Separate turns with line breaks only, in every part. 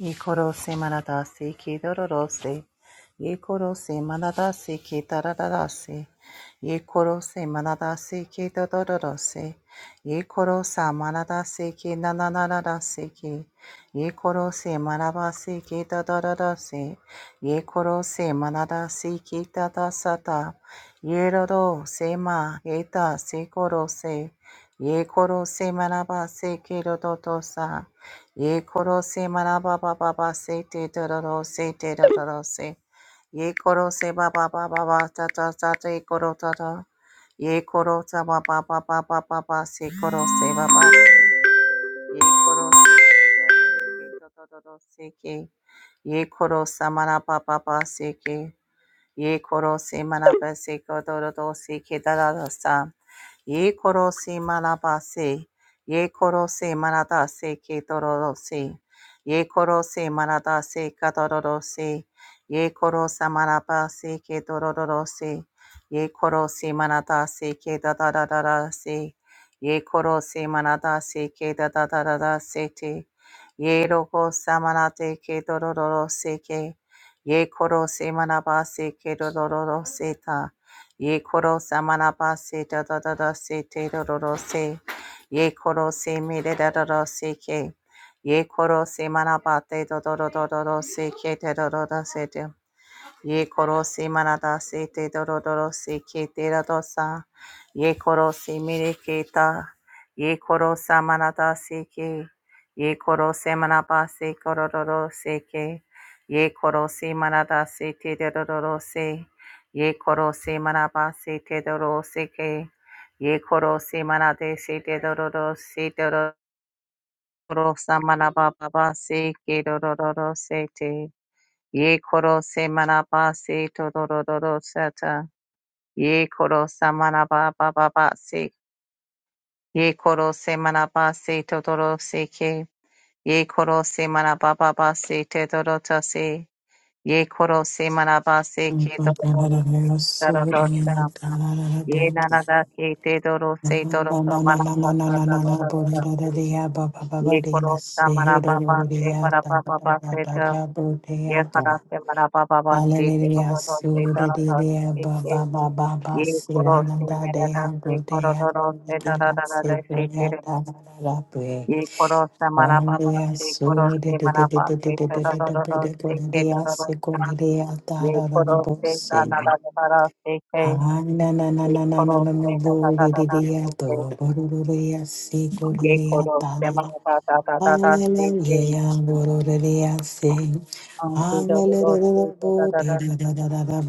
Yekorose manadase kedororose. Yekorose manadase kedaradase. Yekorose manadase kedororose. Yekorosa manadase kenananadase ke. Yekorose manabase kedororose. Yekorose manadase kedadasata. Yeroro sema eta sekorose. Yekorose manabase kedodosa. Ye koro se maraba ba ba ba se te dororo se te dororo se. Ye koro se ba ba ba ba ba ta ta ta te koro ta ta. Ye koro ta ba ba ba ba ba ba ba se koro se ba ba. Ye koro se te te te dororo se ke. Ye koro sa maraba ba se ke ye koro se manabase kodoro se kedarasa ye koro se manabase ye koro se manadase kedoro se ye koro se manadase kadoro se ye koro se manabase kedoro se ye koro se manadase kedadadadada se ye koro se manadase kedadadadada se te ye roko samanate kedoro se Ye koro se manaba se kero dororo se ta. Ye koro se manaba se da da da da se te dororo se. Ye koro se me da da da da se ke. Ye koro se manaba te dororo se ke te dororo se te. Ye korosi manada se te dorodoro se ke te radosa. Ye korosi mireketa. Ye korosa manada se ke. Ye korose manaba se korodoro se ke. Ye korosi manada se te dorodoro se. Ye korosi manaba se te dororo se ke. Ye korosi manade se te dorodoro se dorodoro sa manaba baba se ke dorodoro se te. Ye koro se manaba se todororo sata. Ye koro sa manaba baba ba se. Ye koro se manaba se todoro se ke. Ye koro se manaba baba se todorota se. Ye koro se manaba se ke todoro se
Hallelujah,
todoro sa.
Surya Baba
Ye nanada ke todoro se todoro manaba sa da da da da da se. Ye koro sa manaba ba se para baba ba se Yaparaste manapa pa pa seetarodarodar seetarodar seet se.
Baba
Yekhorost se
Basirananda
mene
Deha
dar se
Bodhya
khorodarodar
Bodhina
seetarodar seet se.
Sevoya Tarapre.
Yekhorost se manapa pa
Only
pa se khorost
Surya
se manapa pa seetarodarodar seet
Bodhya
seetarodar se.
Sekoya
Yekhorost se
Tarabose.
manapa pa pa se
Hallelujah,
khorost se manapa pa seetarodarodar seet seetarodar se. Yekhorost se manapa pa pa se khorost se manapa pa seetarodarodar seet seetarodar se.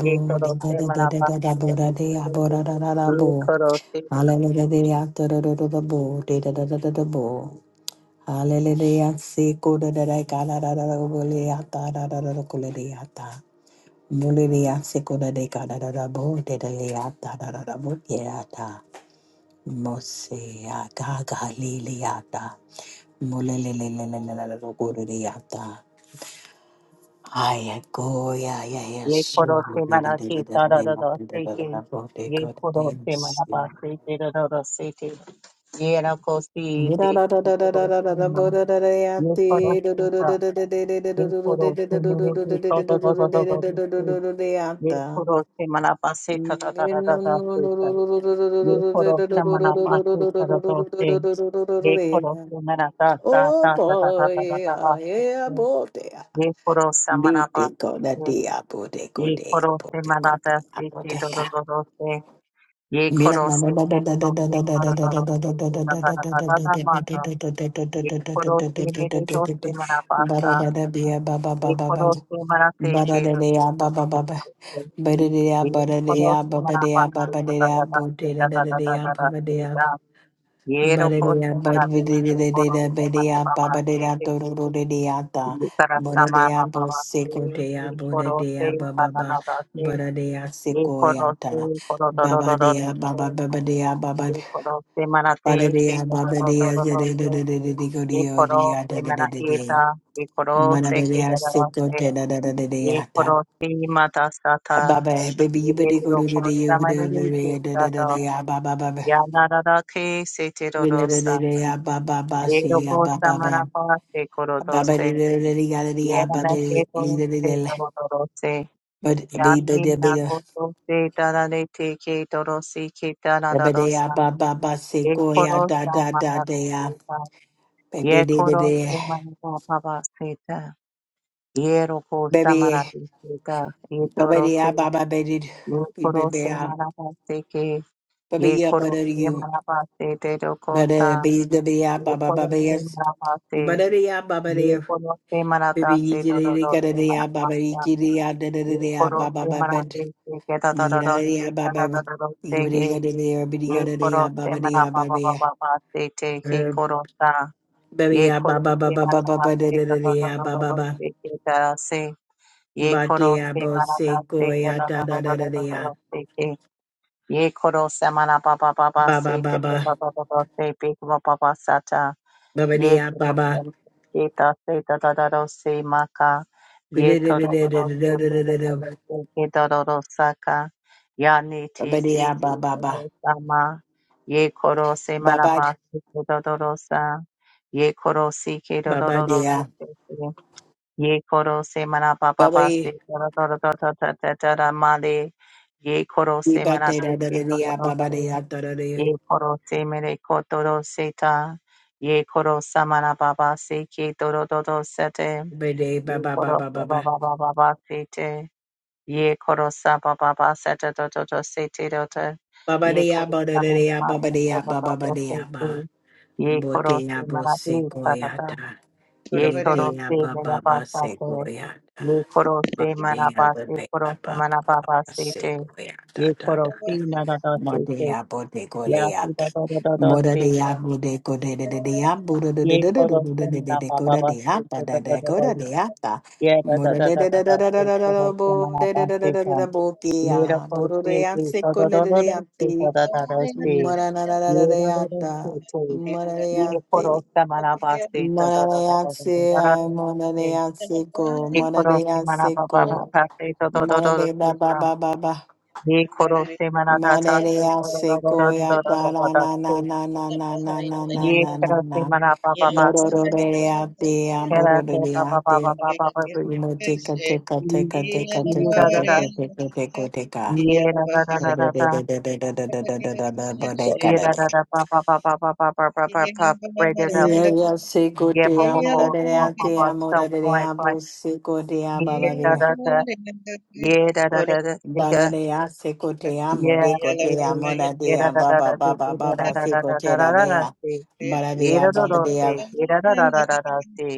ye korose mana pasi koro se ke ye korose ye korose mana ke tararara se ke ye korose mana pasi tararara se ke ye na kosi te korose mana ye korose ta ye korose mere ke tararara se ye korose mana pasi
Oh
tararara se ta ye korose mana pasi tararara se ye korose mana ta ta ta ta ta ta
boy,
ta ta
yeah, yeah,
ta
boy, yeah.
ye koro samana
Bite
basi
con la
ke
dia, bote
ye
con dia,
koro se
bote con
manata se do do
dia,
do do se ye
Baba
koro se ke do do se koro do do se ke da da da da da da mata ye koro se me de do se mana basa ye koro se mana se ke do do
Baba
se ye koro se mana basi da da da da se da da da da da da se da ye ro ko se
Baradia
mana se se
Badvidida
koro se mana
Bedia
baba se
Babadida
ke
Dororo de Diata
ye kara sama
Boradea
baba se
Boseco Dea
ye koro se
Bodadea
banana
Baba
da
Boradea
Ye koro se
Secoyata
koro do do do do do
Babadea Baba
se.
Baba dea, Baba
Ye koro se mana te ke do
Baradea
do do
dea,
do do do se.
Zedigo
Ye koro se
Diata de
mana
de de
eta. Ye koro se ke
Manadea
do do do
Seco
se.
Teda de
Ye
Diata
koro se mata sa ta.
Baba Baby you better
Ye ro koro sa ma re re ke
de de
sa
de
do.
de, Baba Baba
Ya na ra ra ke se te ro ro
Vinada
sa.
de Baba Baba
Ye ro
Sia
koro sa
Baba
mana pa se koro
Ba
do
ba ba
se.
de de de be de
Ye
ya
ra na ke to se do do do se. Yami na koto se da da le te ke do do si ke da da do
ba ba ba se
Ye
ko ya
koro
da
sa
da da de ya
maharaseta. Ye
Baby, de de
koro
de
se manita pavaseta. Ye roko
de
sa
de
maharaseta. Ye
de
toro se.
de de
Ye
be
koro
be be
se
ya
maharaseke. Ye
baby ya ba
koro
de
se
you
maharasete roko
ba de
sa.
be de be ya
Ye
ba ba ba
koro
be
se
yes
maharase.
ba de de ya ba ba
Ye
de
koro se
baby yi
maharase
de de de
dororo
ka de
se
de ya ba ba yi
maharasa.
de de ya de de de
Ye
de
koro
baby
se maharase ke da da da da se
baby baby baby ba ba
ka da
ba ba ba ba
da da da se
ba ba ba ba ba ba ba ba ba ba ba ba ba de ka
Ye
de de
koro
ya ba
se
ba de ya
maharapa
ba
pa
ba
pa
you
pa pa se te ke
Mm.
koro sa.
Baby,
Yeh
ah,
kho
ba
ro
ba ba
se
ba
mana
ba
pa
ba
pa
ba da da da da ah, ba
pa
ba
pa
ba
se, yeh
ba
kho
de
ro
ah,
se
bo
mana
se
pa
go ya da da da da
pa
da
pa
ah.
pa se, yeh kho ro se mana pa pa pa pa
ba ba
se,
ba
yeh kho
ba
ro se mana pa pa pa pa se.
ba ba de
Ye
ah, ba ba
kurosam ke ta se da da da ro se ma ka.
ba da
Ye
da
to
da
do
da da
do do
da da
se ke
da
do
da da
do do
da
se ke do do do sa ka. Ya ni
ba ba
ti
de
si
ah, ba
ke
ba
do
ba ba
do sa ma. Ye koro se ma
ba ba
na ba se ke do do do sa. Ye koro si ke do do
ba
do
de
do
ah.
do se ke. Ye koro se ma na ba
ba
ba
ba
ba se
e
do do do do do do do do do do ma le. Ye koro
we
se
ba
ma na
de da
do
da da
ke
de
do do
ah, ba
do
ba
se.
de ah, da da de
Ye koro se mere koto do se ta. Ye koro samana baba se ke toro do do se te.
ba de ba
Ye
ba ba
koro
ba ba
sa
ba
baba baba ba se te. Ye koro sa baba ba se te do do do se te do te.
ba ba de
Ye
ah,
koro
ba da da de
samana
ah,
ba
ba ba
se
de
te
ah,
do
ba
do
ba ba
do
de
se
ah,
te.
ba
Ye koro se
Botea
mara de sarata.
bosekoyata.
Ye toro
Lidea
se mera
baba
ba sa te.
basekoyata.
Ye koro se mara
Batea
ba
babea
koro
baba
samana baba se Ye
basekoyata. Da
koro
da
se
da.
nara do se
Modea bote
Ya ki
goleata.
da da da da da
Moda de
seka.
Modea bodekodea
Ye
bodea bodekodeata.
koro
Modea de sekoleata. Moranarareata. de de de
semana
de
pa pa
coda
pa
de apa
seka da
da
da
de
da da.
coda de apa.
Ye da da
Moda
da
de
da
de
da
de
da
de de de de
seka koro
de bo
semana
de
pa
de de de de de
seka.
de
Ye da
bokia.
koro
Bodo de
seka da
anseco
da
de
da da
de
da seka
anti.
da da da seka.
Moda na na
Ye
na
da
de
da da
ata.
seka.
Moda
Ye
de
koro semana pa seka da da da da da da
Monalease,
da da
I
da seka.
monalease ko,
Ye koro semana
monalease
pa pa pa
ko,
pa seka da da da da
monale ba ba
seka.
ba ba ba,
Ye koro semana da da seka da da
monalease
da da
ko ya
da da
da
da
na
da.
na
se.
na na na na na na na
Ye
na na
kara se
na,
mana pa pa pa se se
morororeate,
kara se pa pa pa pa
amborororeate,
pa pa pa pa ye
moteka teka teka teka
ye
teka teka teka teka
da da da ye da da da da da da ye
teka.
da da da pa pa pa pa pa pa pa pa pa pa right da da
Yes, go
ye
to
pa pa pa
Amada de
pa pa
Ate,
pa so
Amada de
point point
Abu, Sico de
ye
Ababa.
da da da ye da da da da se da
Baradea secotea
ye se
modecotea
de ye da
monadea
da da da
baba
se se
baba
da da
baba
da da da da da
secotea
da da
dea
se ye
baradea
da da
baba
da se
dea
ye da da da da da da se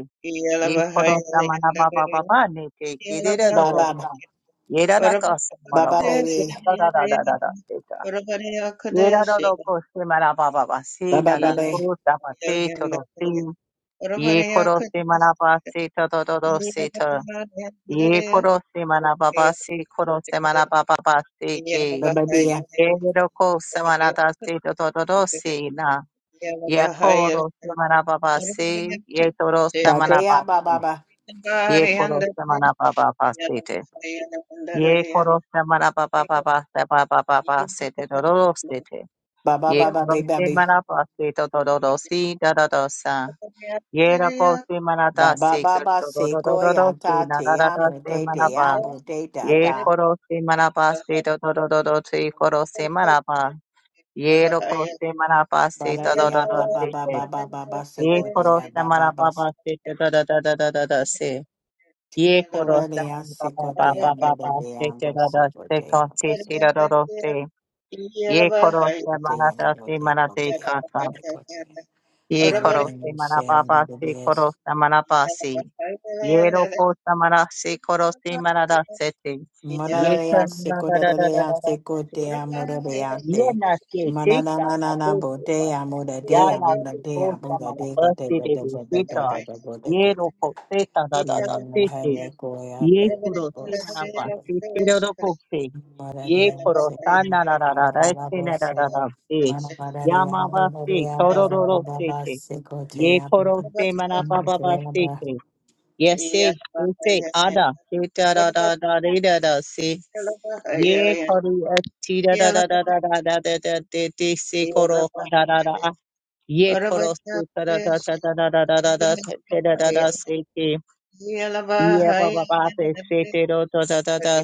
ye koro sama baba baba ne te kirere do
baba
sa ye ra ra ka
baba
ye
baby
ra ra ra ra ra ye ra ra se ma ra ba se
baba
na na ko
baby
sa pa te to ro se ye koro se ma na ba se to do do se to ye koro se ma na ba ba se koro se ma na ba ba ba se ke
baba dea
ye ro ko se ma da se to do do se na ye koro se baba na ba ba se ye to ro sa
babea baba
Ye koro semana baba basete. Ye koro semana baba baba seba baba basete dororo sete.
baba baba
Ye
baba
koro
baby
semana basete dororo si dororo sa. Ye rako semana da
baba
si
baba
dororo dororo
secoia
si na na na
tatea
na semana ba.
motetea moteta
Ye
ta
koro semana basete dororo si koro semana ba. Ye rako semana basete
baradea
dororo
baba
sete.
baba baba
Ye koro
secotea
semana
baba baba
baba sete dororo dororo si. Ye koro da
Moradea
ba ba ba
secotea
ba ba ba se
moradea
te
bo
da da se ka
secotea
se te da da da se. Ye koro sa
Ote
mana
yana
da se
bote
mana
kote
de
yana
ka ta.
kote.
Ye
Mora
koro te
nenu
mana
se la
ba
de
ba se koro
gobedes.
sa mana ba se. Ye ro ko sa mana se koro te mana da se te.
Mora
Ye
de
ka
ya se
na da
kote
da da
de
da
ya
da da.
se
se.
kote ya mora de ya
Ye
te.
na se te
Mana na
ka
na
na
na na
te se
bote
ba.
ya mora
Ya
de ya
na
mora
se
de ya
ko sa
mora
mana
de
ba
kote kote
se de de se
kote
ta.
kote kote
Ye
kote.
ro ko se ta da da da
Lo
se
hai
te.
ye koya
Ye
ta
kuro si na na
bose
pa
kote.
si si ro ro ko si.
Mora de
Ye
ya
kuro
se
sa
mora
na na na ra
da
ra
da da
si na ra
bose.
ra ra si.
Mana mora de
Ya ma
ya
ba
mora de
si
ya
ko
ba
ro
ba
ro ro
ba ba
si
ba
si.
se kote
Ye
ya
kuro si ma na pa pa pa
ba ba.
si si. Ye si si si ada si da da da da re da da si. Ye kuri es ti da da da da da da da da da da da si koro da da da. Ye kuro si da da da da da da da da da da da da da si si. Ye pa pa pa pa se te ro to da da da.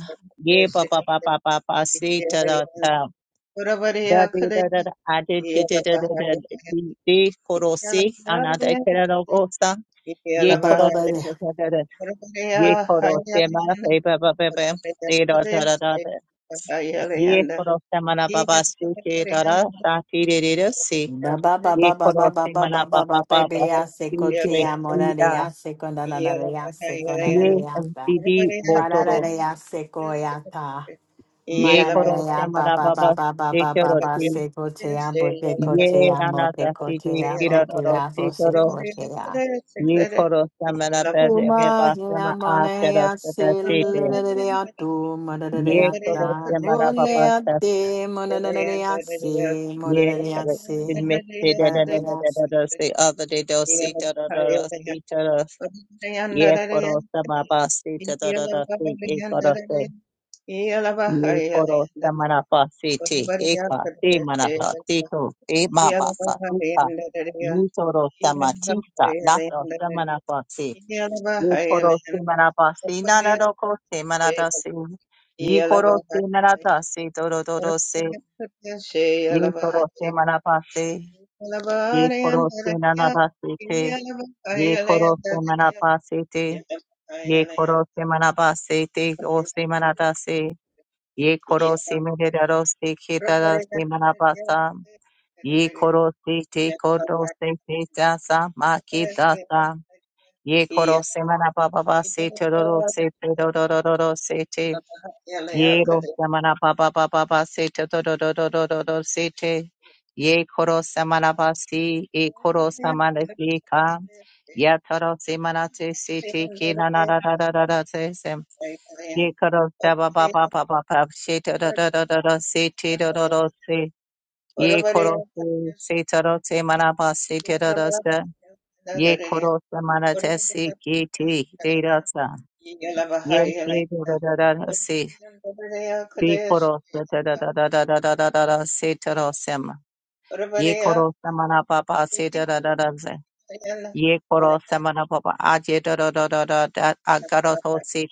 Ye pa pa pa pa pa pa se te ro ta da da. Da de da da da a de te te da da da de de koro se ana da ke ra ro go sa. Ye
Ba ba ba
koro
ba
se
ba
da da da da. Ye koro se ma pe pa pa pa pa se ro da da da da. Ye koro se ma na pa pa se ke da da sa ti re re re se.
ba ba ba
Ye
ba ba
koro
ba ba
se ma
ba
na
ba
pa
ba
pa pa
baby
pa
ya se
se
ko
te
te amo
ti
la de
da.
ya se ko na na na de ya se ko na na
Ye
de ya ta
di di ko
ba la
to
la
ro.
de ya se ko ya ta ma
Ye
la la de
koro
ya ba
shamara
ba
baba
ba ba ba ba ba
sekoro
ba
ti.
se ko te amo te ko
Ye
te
rana
amo te ko
tasi
te
ye kira
amo te
roro
amo se
sekoro.
ko te amo
Ye koro shamara bese beba
Umahia
sema a kero
manaya
sada sete.
silidea tu
Ye
madadea
koro
sa
shamara baba
mulea
sa
de monadadea si
ye
monadadea
kare.
si
Admit de da da da da
padadea
da
si.
da da se other de do se da da da da se da da. Ye koro shamaba se da da da da se e koro se. Ye koro samarapa sete eka te manata teto e mabasa uka ye toro samatista nato samarapa se ye koro samarapa se nanaroko se manata se ye koro se narata se doro doro se ye toro samarapa se ye koro se nanata se te ye koro samarapa se te ye koro samarapa se te o se samarata se ye korosi meredarosi kitarasi manabasa, ye korosi te kodosi te tasa makitasa, ye korosi manabababasi terorosi terorororosi te, ye ro rosi manababababasi terororororosi te, ye korosi manabasi, ye korosi manabika, ya tarosi manatesi te kinanarararararase, Ye koro sa ba ba ba ba ba ba she da da da da da da se te da da da se ye koro se se da da se mana ba se te da da se ye koro se mana te se ki te te da sa ye te da da da da da se ye koro se da da da da da da da da da da se te da se ma ye koro se mana ba ba se da da da da se ye koro se mana ba ba a je da da da da da da a karo se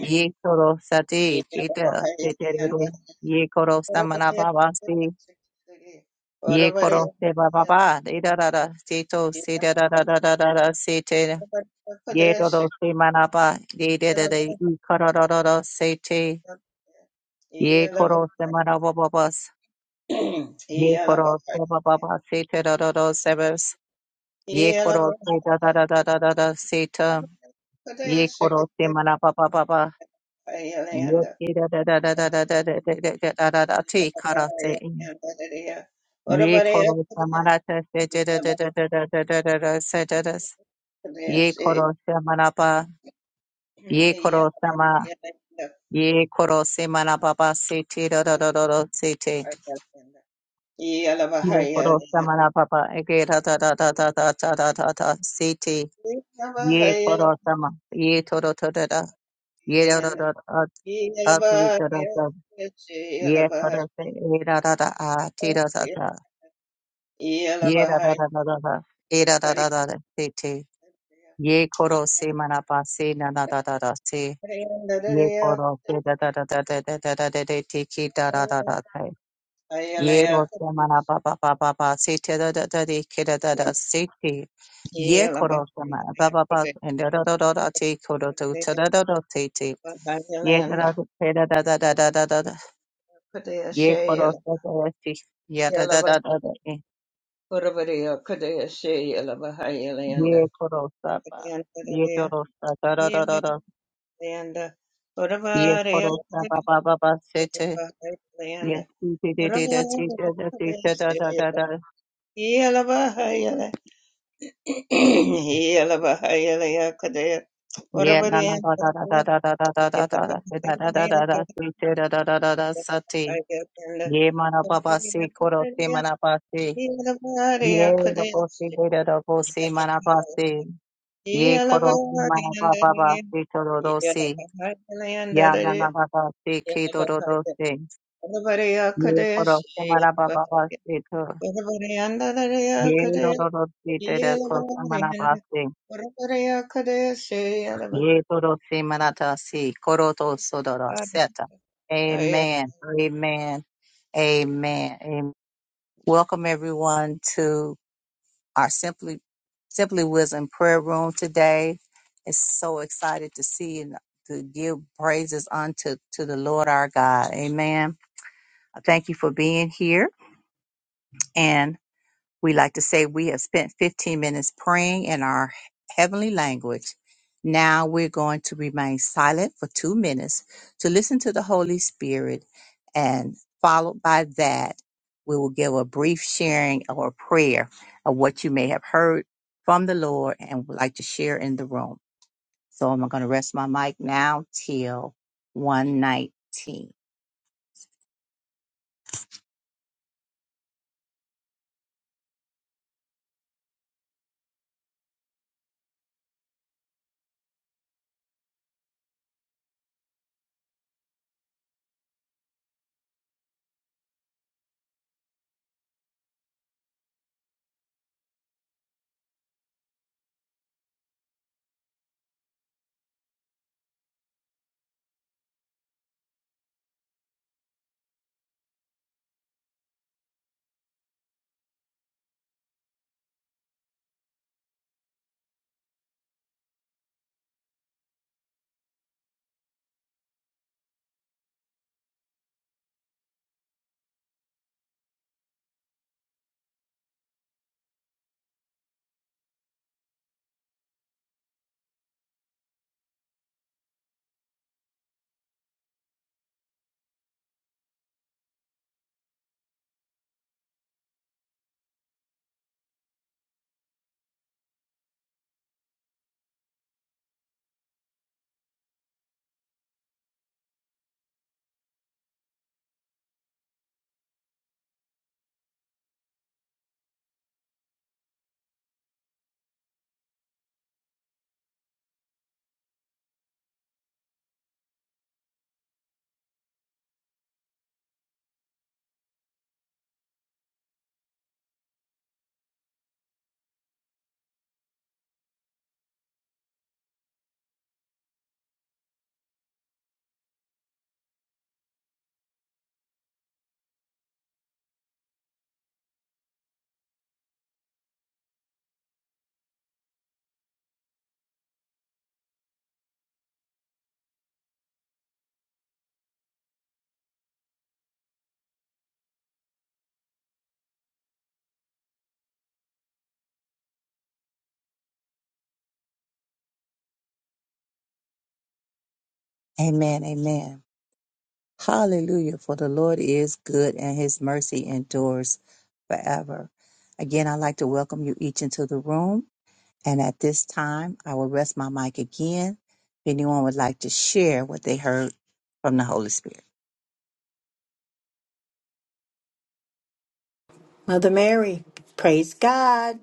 Ye koro sati kita tetere ye koro samana baba si ye koro se baba ba ida da da se to da da da da da da da se te ye do do se mana ba ye de de de i koro do do do se te ye koro se mana ba ba ba s- ye koro se ba ba ba te do do do se ye koro se da da da da da da da se te ye koro se mana baba. Yoke da da da da da da da da da da da da da da te karate Ye koro samarata se da da da da da da da da da da se da da s. Ye koro samanapa. Ye koro sama. Ye koro samanapa se te da da da da da se te. Ye koro samanapa ege da da da da da da da da da da se te. Ye koro sama. Ye toro to da da. da da. Ye da da da da da da da da. Ye koro se e da da da a te da da da. Ye da da da da da da. E da da da da da. Se te. Ye koro se manapa se na na da da da se. Ye koro se da da da da da da da da da da te ki da da da da te. Ye ro se manapa pa pa pa pa se te da da da de ke da da da se te. Ye koro se manapa pa pa and da da da da da te koro to ta da da da te te. Ye da da da da da da da da da da. Ye koro se da da se. Ye da da da da da. Ye koro saba. Ye koro sa da da da da da. Ye koro saba ba ba ba sete. Ye si te te te te te te te te te da da da da. Ye na na da da da da da da da da da da da da da da da da se te da da da da da sa te. Ye mana ba ba se koro se mana ba se. Ye ro ko se de da ro ko se mana ba se. Ye koro se mana ba ba ba se to ro ro se. Ya na na ba ba se ke do ro ro se. Ye koro samara baba baste to. Ye roro rosti tere ko samara baste. Ye toro samara tasi koro to sodora seta. Amen. Amen. Amen. Amen. Welcome everyone to our simply simply wisdom prayer room today. It's so excited to see and to give praises unto to the Lord our God. Amen. I Thank you for being here, and We like to say we have spent 15 minutes praying in our heavenly language. Now we're going to remain silent for two minutes to listen to the Holy Spirit. And followed by that, we will give a brief sharing or prayer of what you may have heard from the Lord and would like to share in the room. So I'm going to rest my mic now till 119. Amen. Amen. Hallelujah. For the Lord is good and his mercy endures forever. Again, I'd like to welcome you each into the room. And at this time, I will rest my mic again. If anyone would like to share what they heard from the Holy Spirit.
Mother Mary, praise God.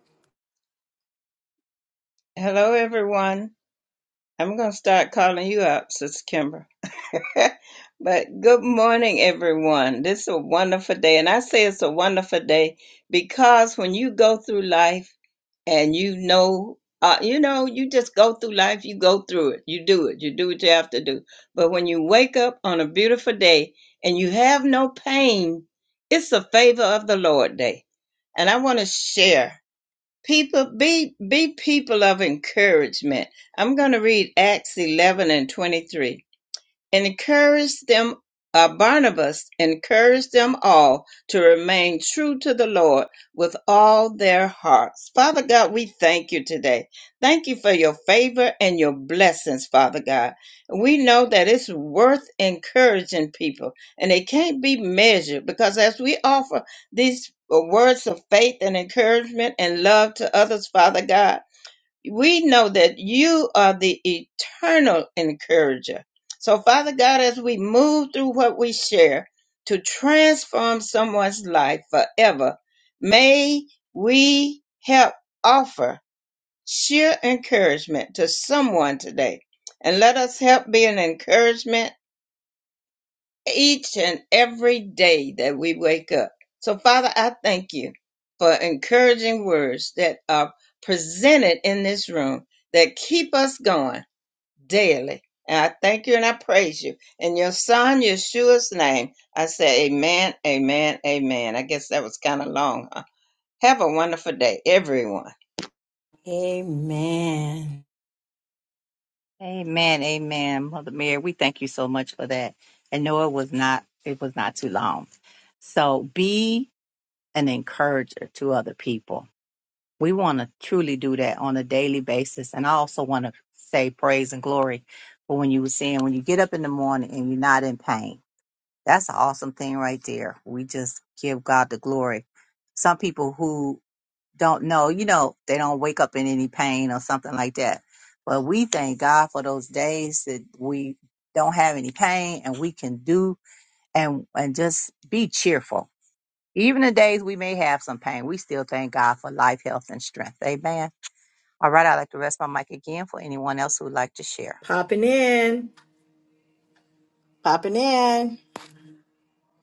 Amen.
Amen. Amen. Mother Mary, we thank you so much for that. And no, it was not, it was not too long. So be an encourager to other people We want to truly do that on a daily basis. And I also want to say praise and glory for when you were saying when you get up in the morning and you're not in pain. That's an awesome thing right there. We just give God the glory. Some people who don't know, you know, they don't wake up in any pain or something like that. But we thank God for those days that we don't have any pain and we can do and and just be cheerful. Even the days we may have some pain, we still thank God for life, health, and strength. Amen. All right, I'd like to rest my mic again for anyone else who would like to share.
Popping in, popping in.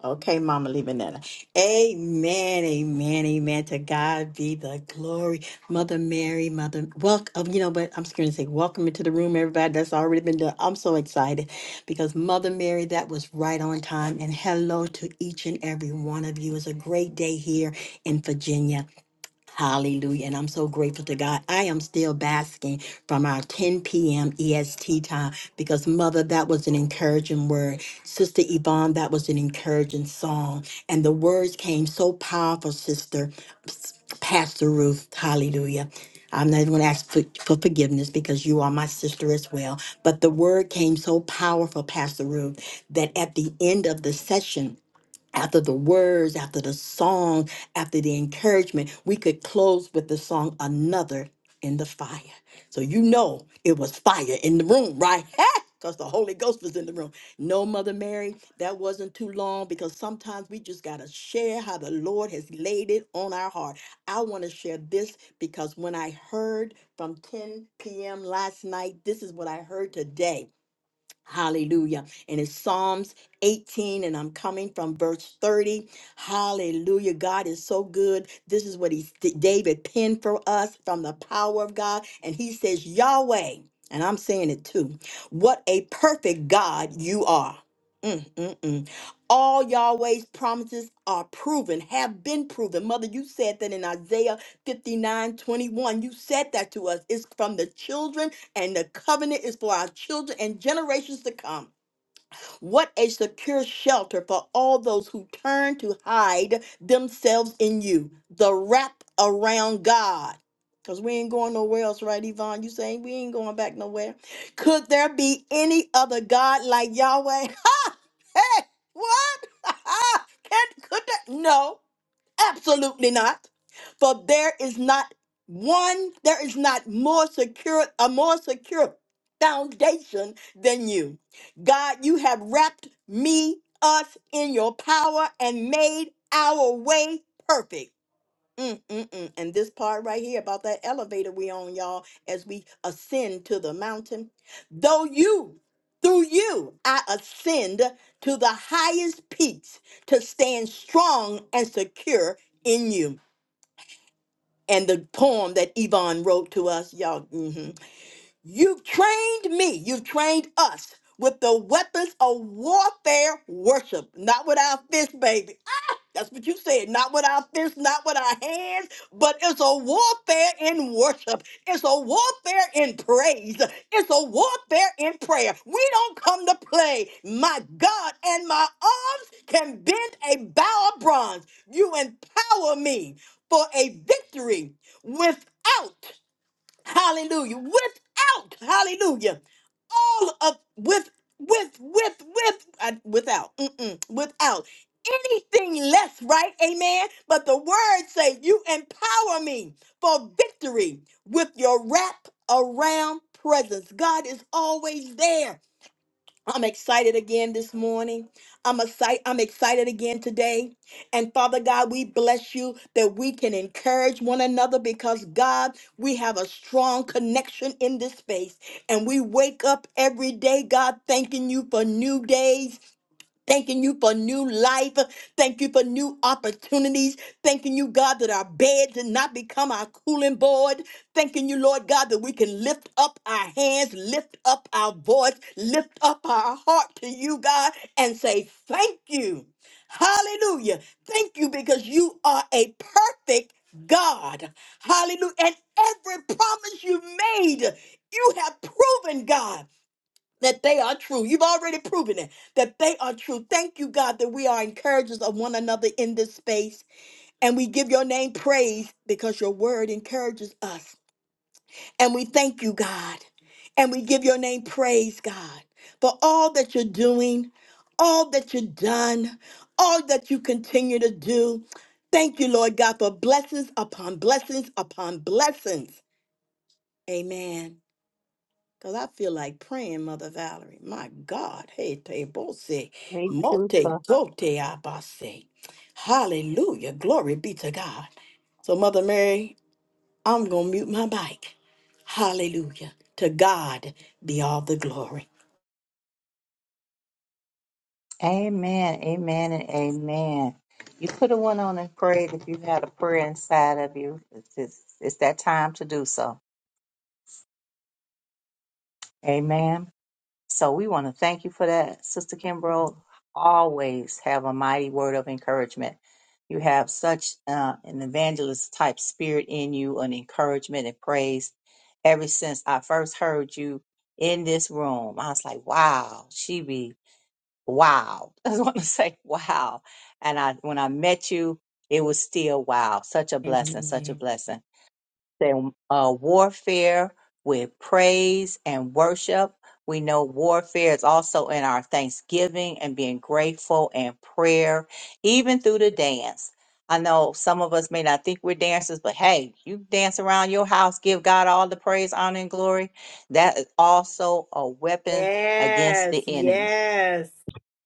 Okay, Mama Lebanetta. Amen, amen, amen. To God be the glory. Mother Mary, Mother, welcome. You know what? I'm just going to say, welcome into the room, everybody. That's already been done. I'm so excited because Mother Mary, that was right on time. And hello to each and every one of you. It's a great day here in Virginia. Hallelujah. And I'm so grateful to God. I am still basking from our 10 p.m. EST time because, Mother, that was an encouraging word. Sister Yvonne, that was an encouraging song. And the words came so powerful, Sister Pastor Ruth. Hallelujah. I'm not going to ask for, for forgiveness because you are my sister as well. But the word came so powerful, Pastor Ruth, that at the end of the session, after the words, after the song, after the encouragement, we could close with the song Another in the Fire. So you know it was fire in the room, right? Because the Holy Ghost was in the room. No, Mother Mary, that wasn't too long because sometimes we just got to share how the Lord has laid it on our heart. I want to share this because when I heard from 10 p.m. last night, this is what I heard today Hallelujah. And it's Psalms 18, and I'm coming from verse 30. Hallelujah. God is so good. This is what he, David penned for us from the power of God. And he says, Yahweh, and I'm saying it too, what a perfect God you are. Mm, mm, mm. All Yahweh's promises are proven, have been proven. Mother, you said that in Isaiah 59:21. You said that to us. It's from the children and the covenant is for our children and generations to come. What a secure shelter for all those who turn to hide themselves in you, the wrap around God. Because we ain't going nowhere else, right, Yvonne? You saying we ain't going back nowhere? Could there be any other God like Yahweh? Ha! Hey, what? Can, could that? No. Absolutely not. For there is not one, there is not more secure, a more secure foundation than you. God, you have wrapped me, us in your power and made our way perfect. Mm, mm, mm. And this part right here about that elevator we on, y'all, as we ascend to the mountain. Though you, through you, I ascend to the highest peaks to stand strong and secure in you. And the poem that Yvonne wrote to us, y'all, mhm. you've trained me, you've trained us with the weapons of warfare worship, not with our fists, baby that's what you said. Not with our fists, not with our hands, but it's a warfare in worship. It's a warfare in praise. It's a warfare in prayer. We don't come to play. My God and my arms can bend a bow of bronze. You empower me for a victory without Hallelujah. Without, hallelujah, all of with with with with uh, without mm-mm, without anything less right amen but the word say you empower me for victory with your wrap around presence god is always there I'm excited again this morning. I'm excited. I'm excited again today. And Father God, we bless you that we can encourage one another because God, we have a strong connection in this space. And we wake up every day, God, thanking you for new days Thanking you for new life. Thank you for new opportunities. Thanking you, God, that our beds and not become our cooling board. Thanking you, Lord God, that we can lift up our hands, lift up our voice, lift up our heart to you, God, and say, Thank you. Hallelujah. Thank you because you are a perfect God. Hallelujah. And every promise you made, you have proven, God that they are true. You've already proven it, that they are true. Thank you, God, that we are encouragers of one another in this space. And we give your name praise because your word encourages us. And we thank you, God. And we give your name praise, God, for all that you're doing, all that you've done, all that you continue to do. Thank you, Lord God, for blessings upon blessings upon blessings. Amen. Cause I feel like praying, Mother Valerie. My God, hey te bose,
Please
mote
do so.
gote abase. Hallelujah, glory be to God. So, Mother Mary, I'm gonna mute my mic. Hallelujah. To God be all the glory.
Amen. Amen and amen. You could have went on and prayed if you had a prayer inside of you. It's, it's, it's that time to do so. Amen. So we want to thank you for that. Sister Kimbrough, always have a mighty word of encouragement. You have such uh, an evangelist type spirit in you, an encouragement and praise. Ever since I first heard you in this room, I was like, wow, she be wow. I just want to say wow. And I, when I met you, it was still wow. Such a blessing, such a
Amen.
blessing than uh, warfare with praise and worship. We know warfare is also in our thanksgiving and being grateful and prayer, even through the dance. I know some of us may not think we're dancers, but hey, you dance around your house, give God all the praise, honor, and glory. That is also a weapon against
Yes,
the enemy.
yes.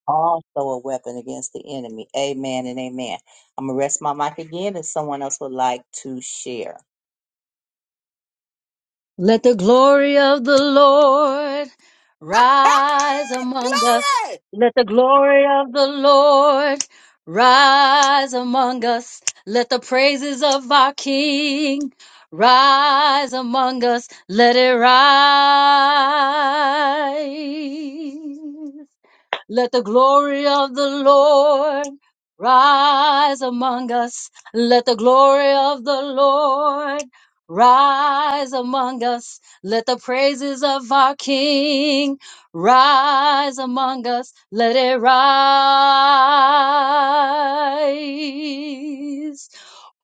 Also a weapon against the enemy. Amen and amen. I'm going to rest my mic again if someone else would like to share.
Let the glory of the Lord
Ah,
rise among us.
glory
Let the glory of the Lord rise among us. Let the praises of our King rise among us. Let it rise. Let the glory of the Lord rise among us. Let the glory of the Lord rise among us. Let the praises of our King rise among us. Let it rise.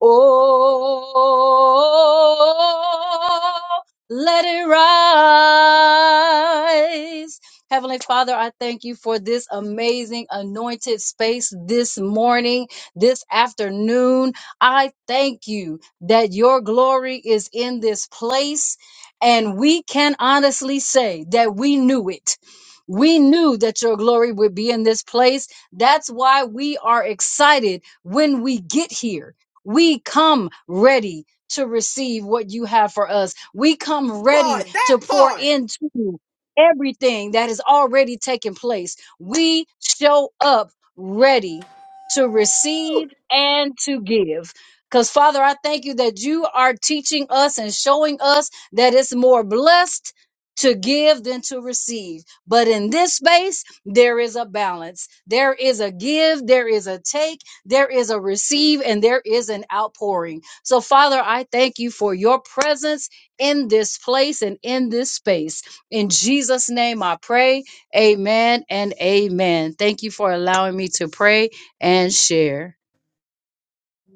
Oh, let it rise. Heavenly Father, I thank you for this amazing anointed space this morning, this afternoon. I thank you that your glory is in this place. And we can honestly say that we knew it. We knew that your glory would be in this place. That's why we are excited when we get here. We come ready to receive what you have for us. We come ready
part, that
to pour
part.
into everything that has already taken place. We show up ready to
Ooh.
receive and to give. Because, Father, I thank you that you are teaching us and showing us that it's more blessed to give than to receive. But in this space, there is a balance. There is a give, there is a take, there is a receive, and there is an outpouring. So, Father, I thank you for your presence in this place and in this space. In Jesus' name I pray. Amen and amen. Thank you for allowing me to pray and share.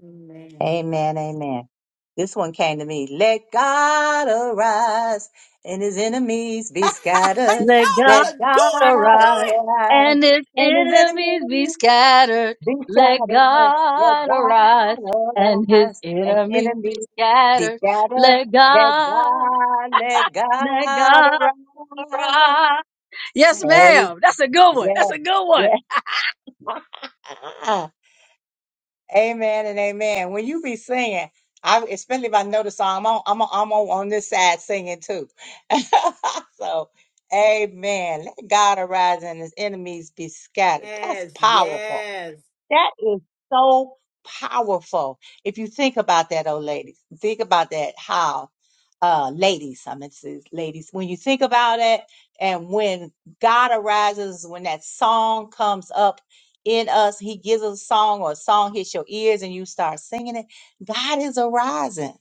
Amen.
Amen, amen. This one came to me. Let God arise and his enemies be
Y'all
scattered.
Let God
Let
better do it,
God
do
arise
it.
arise
and his
and his
enemies be
enemies
scattered.
be
Let
scattered. Let
God
God
arise and his
arise and
enemies be
enemies be
scattered.
scattered.
Let
Let
God,
God, let
let
God
God
arise.
arise. Yes,
Hey,
ma'am. That's a good one. That's a good one.
yeah, yeah. Amen and amen. When you be singing, I especially if I know the song, I'm on, I'm on, I'm on, on this side singing too. so, amen. Let God arise and his enemies be scattered. That's
Yes,
powerful.
yes.
That is so powerful. If you think about that, oh ladies, think about that how uh ladies, I meant to say ladies, when you think about it and when God arises, when that song comes up in us, he gives us a song or a song hits your ears and you start singing it. God is arising.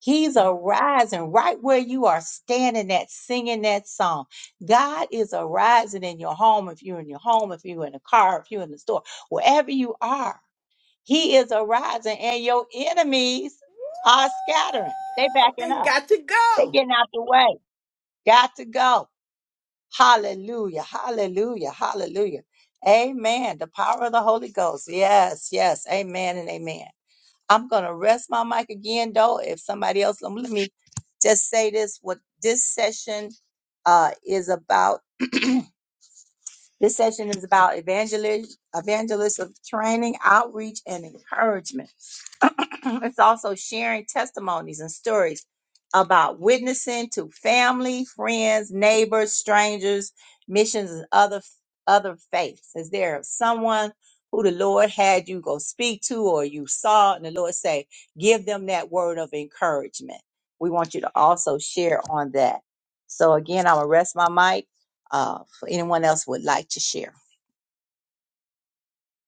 He's
Ooh,
arising right where you are standing at singing that song. God is arising in your home, if you're in your home, if you're in a car, if you're in the store, wherever you are. He is arising, and your enemies are scattering. They backing
They
up.
got to
They
go.
getting out the way. Got to go. Hallelujah. Hallelujah. Hallelujah. Amen. The power of the Holy Ghost. Yes, yes. Amen and amen. I'm gonna rest my mic again though. If somebody else, um, let me just say this: what this session uh, is about. this session is about evangelist, evangelist of training, outreach, and encouragement. it's also sharing testimonies and stories about witnessing to family, friends, neighbors, strangers, missions, and other other faiths. Is there someone who the Lord had you go speak to or you saw and the Lord say, give them that word of encouragement? We want you to also share on that. So again, I'm gonna rest my mic uh, for anyone else who would like to share.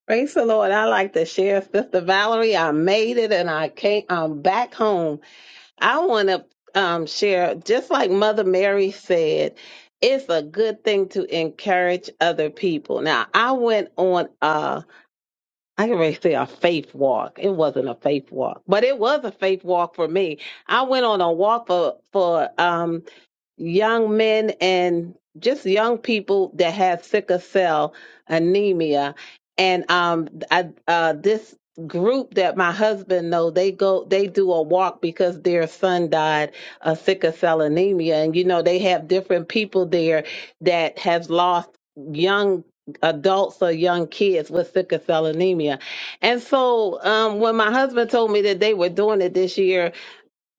Praise the Lord. I like to share, Sister Valerie. I made it and I came um back home. I want to um share, just like Mother Mary said, it's a good thing to encourage other people. Now I went on a—I can really say a faith walk. It wasn't a faith walk, but it was a faith walk for me. I went on a walk for for um young men and just young people that have sickle cell anemia. And um, I, uh, this group that my husband know, they go, they do a walk because their son died of sickle cell anemia, and you know they have different people there that has lost young adults or young kids with sickle cell anemia. And so um, when my husband told me that they were doing it this year,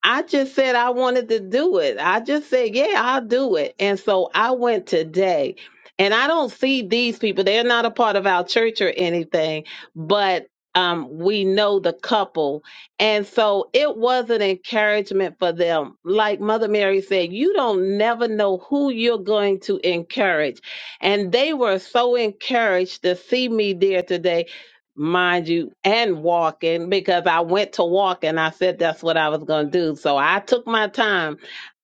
I just said I wanted to do it. I just said, yeah, I'll do it. And so I went today. And I don't see these people. They're not a part of our church or anything, but um, we know the couple. And so it was an encouragement for them. Like Mother Mary said, you don't never know who you're going to encourage. And they were so encouraged to see me there today mind you, and walking because I went to walk and I said that's what I was going to do. So I took my time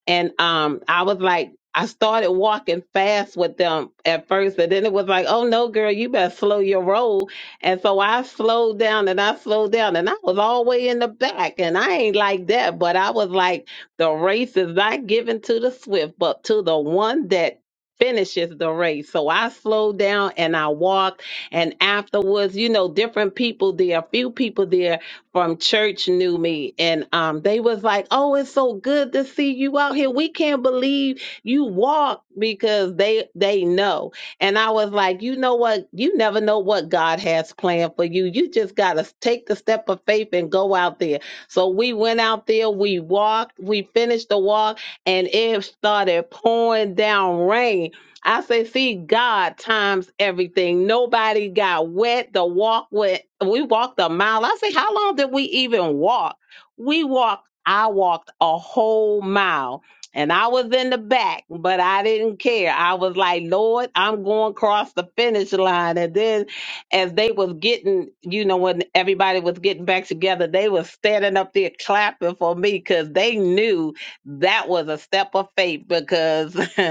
and um I was like I started walking fast with them at first, and then it was like, oh no, girl, you better slow your roll. And so I slowed down and I slowed down, and I was all the way in the back. And I ain't like that, but I was like, the race is not given to the swift, but to the one that finishes the race. So I slowed down and I walked. And afterwards, you know, different people there, a few people there from church knew me and um they was like, "Oh, it's so good to see you out here. We can't believe you walk because they they know." And I was like, "You know what? You never know what God has planned for you. You just got to take the step of faith and go out there." So we went out there, we walked, we finished the walk, and it started pouring down rain I say, see, God times everything. Nobody got wet. The walk went. We walked a mile. I say, how long did we even walk? We walked. I walked a whole mile, and I was in the back, but I didn't care. I was like, Lord, I'm going across the finish line. And then, as they was getting, you know, when everybody was getting back together, they was standing up there clapping for me because they knew that was a step of faith because.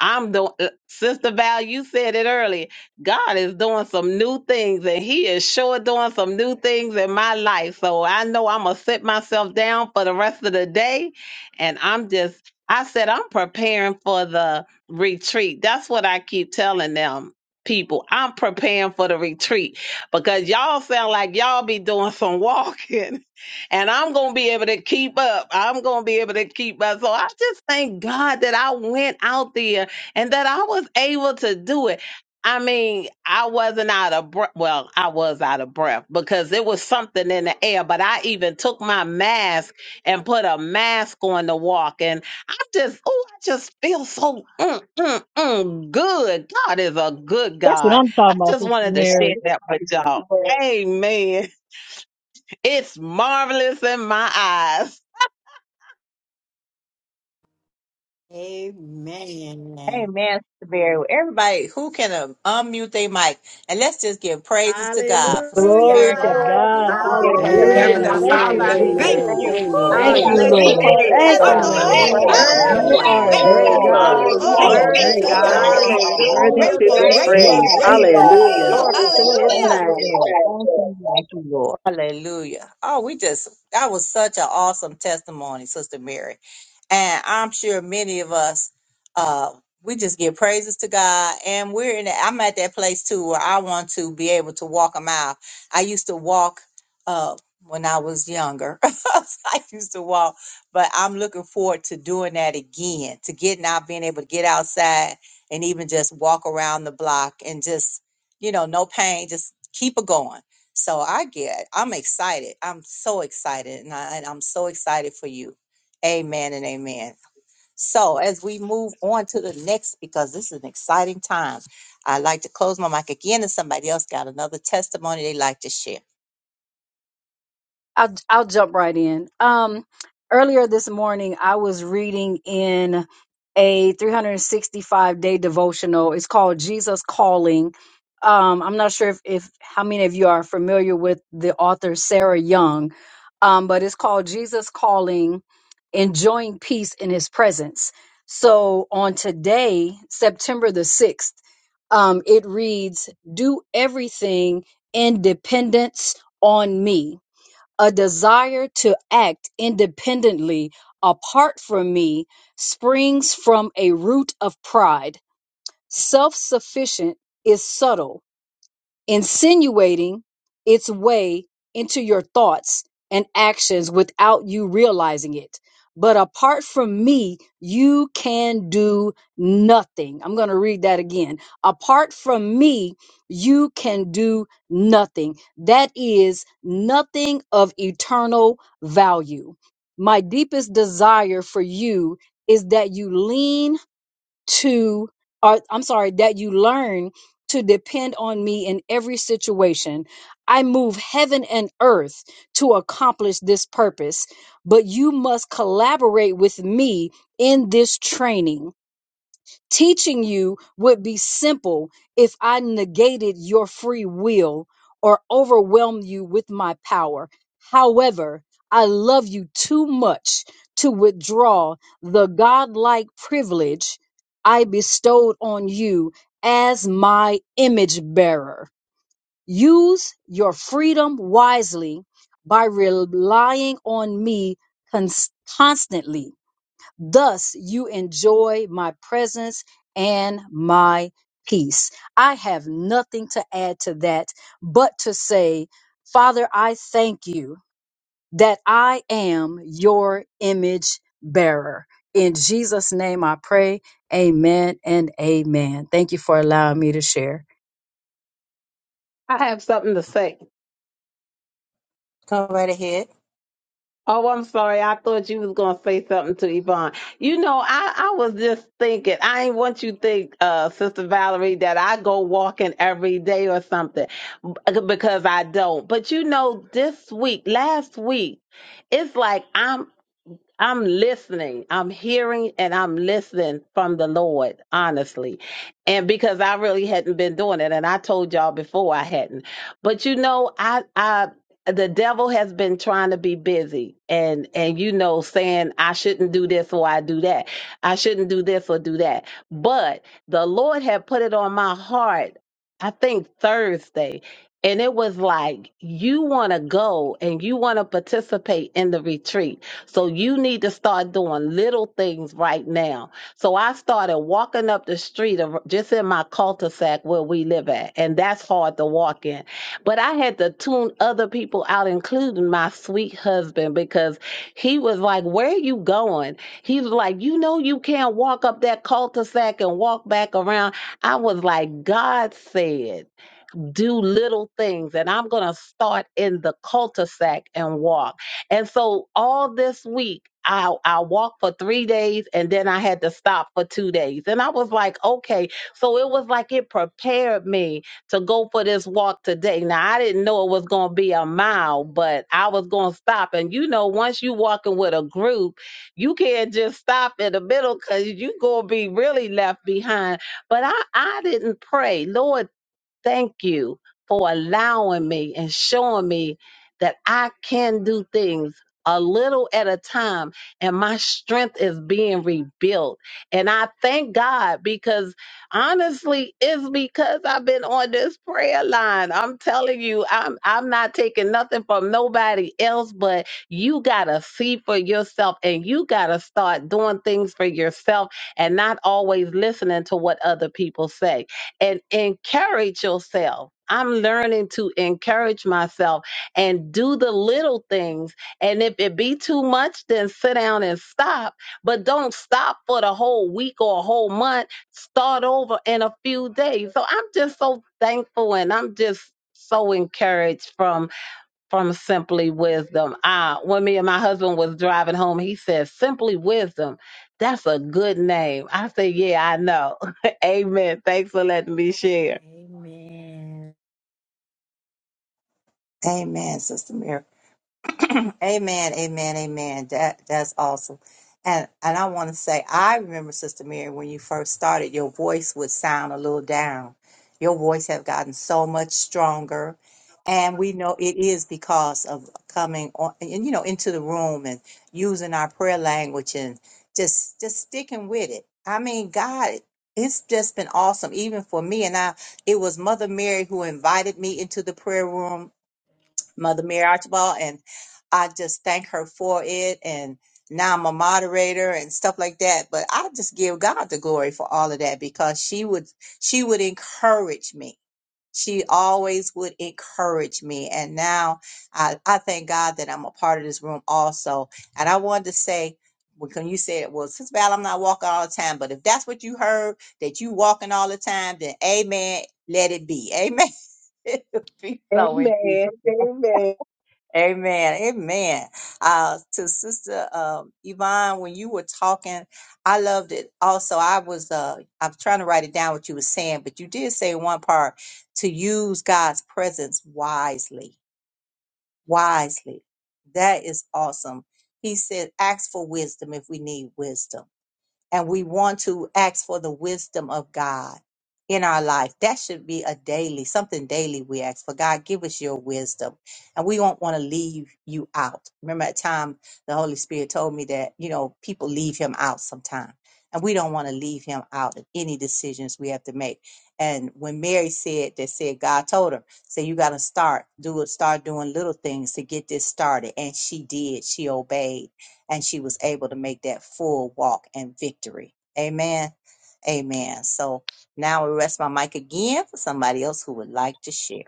I'm doing, uh, sister Val. You said it earlier. God is doing some new things, and He is sure doing some new things in my life. So I know I'm gonna sit myself down for the rest of the day, and I'm just. I said I'm preparing for the retreat. That's what I keep telling them. People, I'm preparing for the retreat because y'all sound like y'all be doing some walking and I'm gonna be able to keep up. I'm gonna be able to keep up. So I just thank God that I went out there and that I was able to do it. I mean, I wasn't out of breath. Well, I was out of breath because there was something in the air, but I even took my mask and put a mask on to walk. And I just, oh, I just feel so mm, mm, mm, good. God is a good
That's what
God.
I'm
I
talking about,
just
Sister
wanted to share
Mary.
that with y'all. Amen. It's marvelous in my eyes.
Amen.
Amen, Sister Mary. Everybody who can um, unmute their mic, and let's just give praises to God for Sister
Glory
Mary
to
and
Hallelujah.
God.
what He gave her that.
Glory.
Amen,
Hallelujah.
Heavenly
Thank you,
Father,
amen,
Woo-hoo.
I
Hallelujah.
Jesus.
thank
amen,
Thank
you.
you, Lord.
Woo!
Thank
We
you,
amen.
bless
We
Hallelujah.
each and
Lord.
praise
every
you,
Thank
Yes,
one
you,
of
Father.
us
We
in
Lord.
Lord.
the
praise
Hallelujah,
you,
room this
You
praise you,
morning.
Hallelujah.
amen.
are a
praise.
Thank
Glory
you,
great
He
to
Father.
God.
God.
was
You
Thank
are
Glory
a
you.
be
great
worthy.
Hallelujah.
to
Woo!
God, and
Thank
you
God.
you,
are
Heavenly Father.
worthy
Hallelujah.
to
Grateful,
be
Thank you,
grateful,
praised.
Yes, yes,
Jesus.
yes,
Hallelujah.
grateful.
yes,
Glory
yes, yes.
to his
Thank
Hallelujah.
you,
name.
Lord. Thank you, thank you, Lord. Hallelujah. Oh, we just, that was such an awesome testimony, Sister Mary. And I'm sure many of us, uh, we just give praises to God. And we're in, I'm at that place too where I want to be able to walk a mile. I used to walk uh, when I was younger. I used to walk, but I'm looking forward to doing that again, to getting out, being able to get outside and even just walk around the block and just, you know, no pain, just keep it going. So I get, I'm excited. I'm so excited. And, I, and I'm so excited for you Amen and amen. So as we move on to the next, because this is an exciting time, I'd like to close my mic again if somebody else got another testimony they'd like to share.
I'll I'll jump right in. Um, earlier this morning, I was reading in a 365 day devotional. It's called Jesus Calling. Um, I'm not sure if, if how many of you are familiar with the author Sarah Young, um, but it's called Jesus Calling, enjoying peace in His presence. So on today, September the sixth, um, it reads, "Do everything in dependence on me." a desire to act independently apart from me springs from a root of pride. Self sufficient is subtle insinuating its way into your thoughts and actions without you realizing it. But apart from me, you can do nothing. I'm going to read that again. Apart from me, you can do nothing. That is nothing of eternal value. My deepest desire for you is that you lean to or I'm sorry that you learn to depend on me in every situation. I move heaven and earth to accomplish this purpose, but you must collaborate with me in this training teaching you would be simple if I negated your free will or overwhelmed you with my power. However, I love you too much to withdraw the godlike privilege I bestowed on you as my image bearer. Use your freedom wisely by relying on me cons- constantly. Thus you enjoy my presence and my peace. I have nothing to add to that but to say, Father, I thank you that I am your image bearer. In Jesus' name I pray. Amen and amen. Thank you for allowing me to share.
I have something to say.
Come right ahead.
Oh, I'm sorry. I thought you was gonna say something to Yvonne. You know, I, I was just thinking. I ain't want you to think, uh, Sister Valerie, that I go walking every day or something b- because I don't. But you know, this week, last week, it's like I'm I'm listening. I'm hearing and I'm listening from the Lord, honestly. And because I really hadn't been doing it and I told y'all before I hadn't. But you know, I I the devil has been trying to be busy and and you know saying I shouldn't do this or I do that. I shouldn't do this or do that. But the Lord had put it on my heart I think Thursday and it was like you want to go and you want to participate in the retreat so you need to start doing little things right now. So I started walking up the street of, just in my cul-de-sac where we live at, and that's hard to walk in. But I had to tune other people out, including my sweet husband, because he was like, Where are you going? He was like, You know, you can't walk up that cul-de-sac and walk back around. I was like, God said do little things and I'm going to start in the cul-de-sac and walk. And so all this week, I, I walked for three days and then I had to stop for two days. And I was like, okay. So it was like it prepared me to go for this walk today. Now, I didn't know it was going to be a mile, but I was going to stop. And you know, once you walking with a group, you can't just stop in the middle because you going to be really left behind but I, I didn't pray. Lord, Thank you for allowing me and showing me that I can do things a little at a time and my strength is being rebuilt. And I thank God because honestly, it's because I've been on this prayer line. I'm telling you, I'm I'm not taking nothing from nobody else, but you gotta see for yourself and you gotta start doing things for yourself and not always listening to what other people say and encourage yourself. I'm learning to encourage myself and do the little things. And if it be too much, then sit down and stop. But don't stop for the whole week or a whole month. Start over in a few days. So I'm just so thankful and I'm just so encouraged from from Simply Wisdom. Uh, when me and my husband was driving home, he said, Simply Wisdom, that's a good name. I said, Yeah, I know. Amen. Thanks for letting me share.
Amen.
Amen, Sister Miracle. Amen, amen, amen. That that's awesome. And and I want to say I remember Sister Mary when you first started, your voice would sound a little down. Your voice have gotten so much stronger. And we know it is because of coming on and you know into the room and using our prayer language and just just sticking with it. I mean, God, it's just been awesome, even for me. And I it was Mother Mary who invited me into the prayer room Mother Mary Archibald, and I just thank her for it. And now I'm a moderator and stuff like that. But I just give God the glory for all of that because she would she would encourage me. She always would encourage me. And now I, I thank God that I'm a part of this room also. And I wanted to say, when you said, well, since Val, I'm not walking all the time, but if that's what you heard, that you walking all the time, then amen, let it be. Amen. It Be so in Jesus'
Amen.
name.
Amen.
Amen. Amen. Uh, to Sister um, Yvonne, when you were talking, I loved it. Also, I was uh, I'm trying to write it down what you were saying, but you did say in one part to use God's presence wisely. Wisely, that is awesome. He said, "Ask for wisdom if we need wisdom." and we want to ask for the wisdom of God in our life. That should be a daily, something daily we ask for. God, give us your wisdom. And we don't want to leave you out. Remember at time the Holy Spirit told me that, you know, people leave him out sometime. And we don't want to leave him out of any decisions we have to make. And when Mary said that said God told her, say you gotta start, do it, start doing little things to get this started. And she did. She obeyed and she was able to make that full walk and victory. Amen. Amen. So now I rest my mic again for somebody else who would like to share.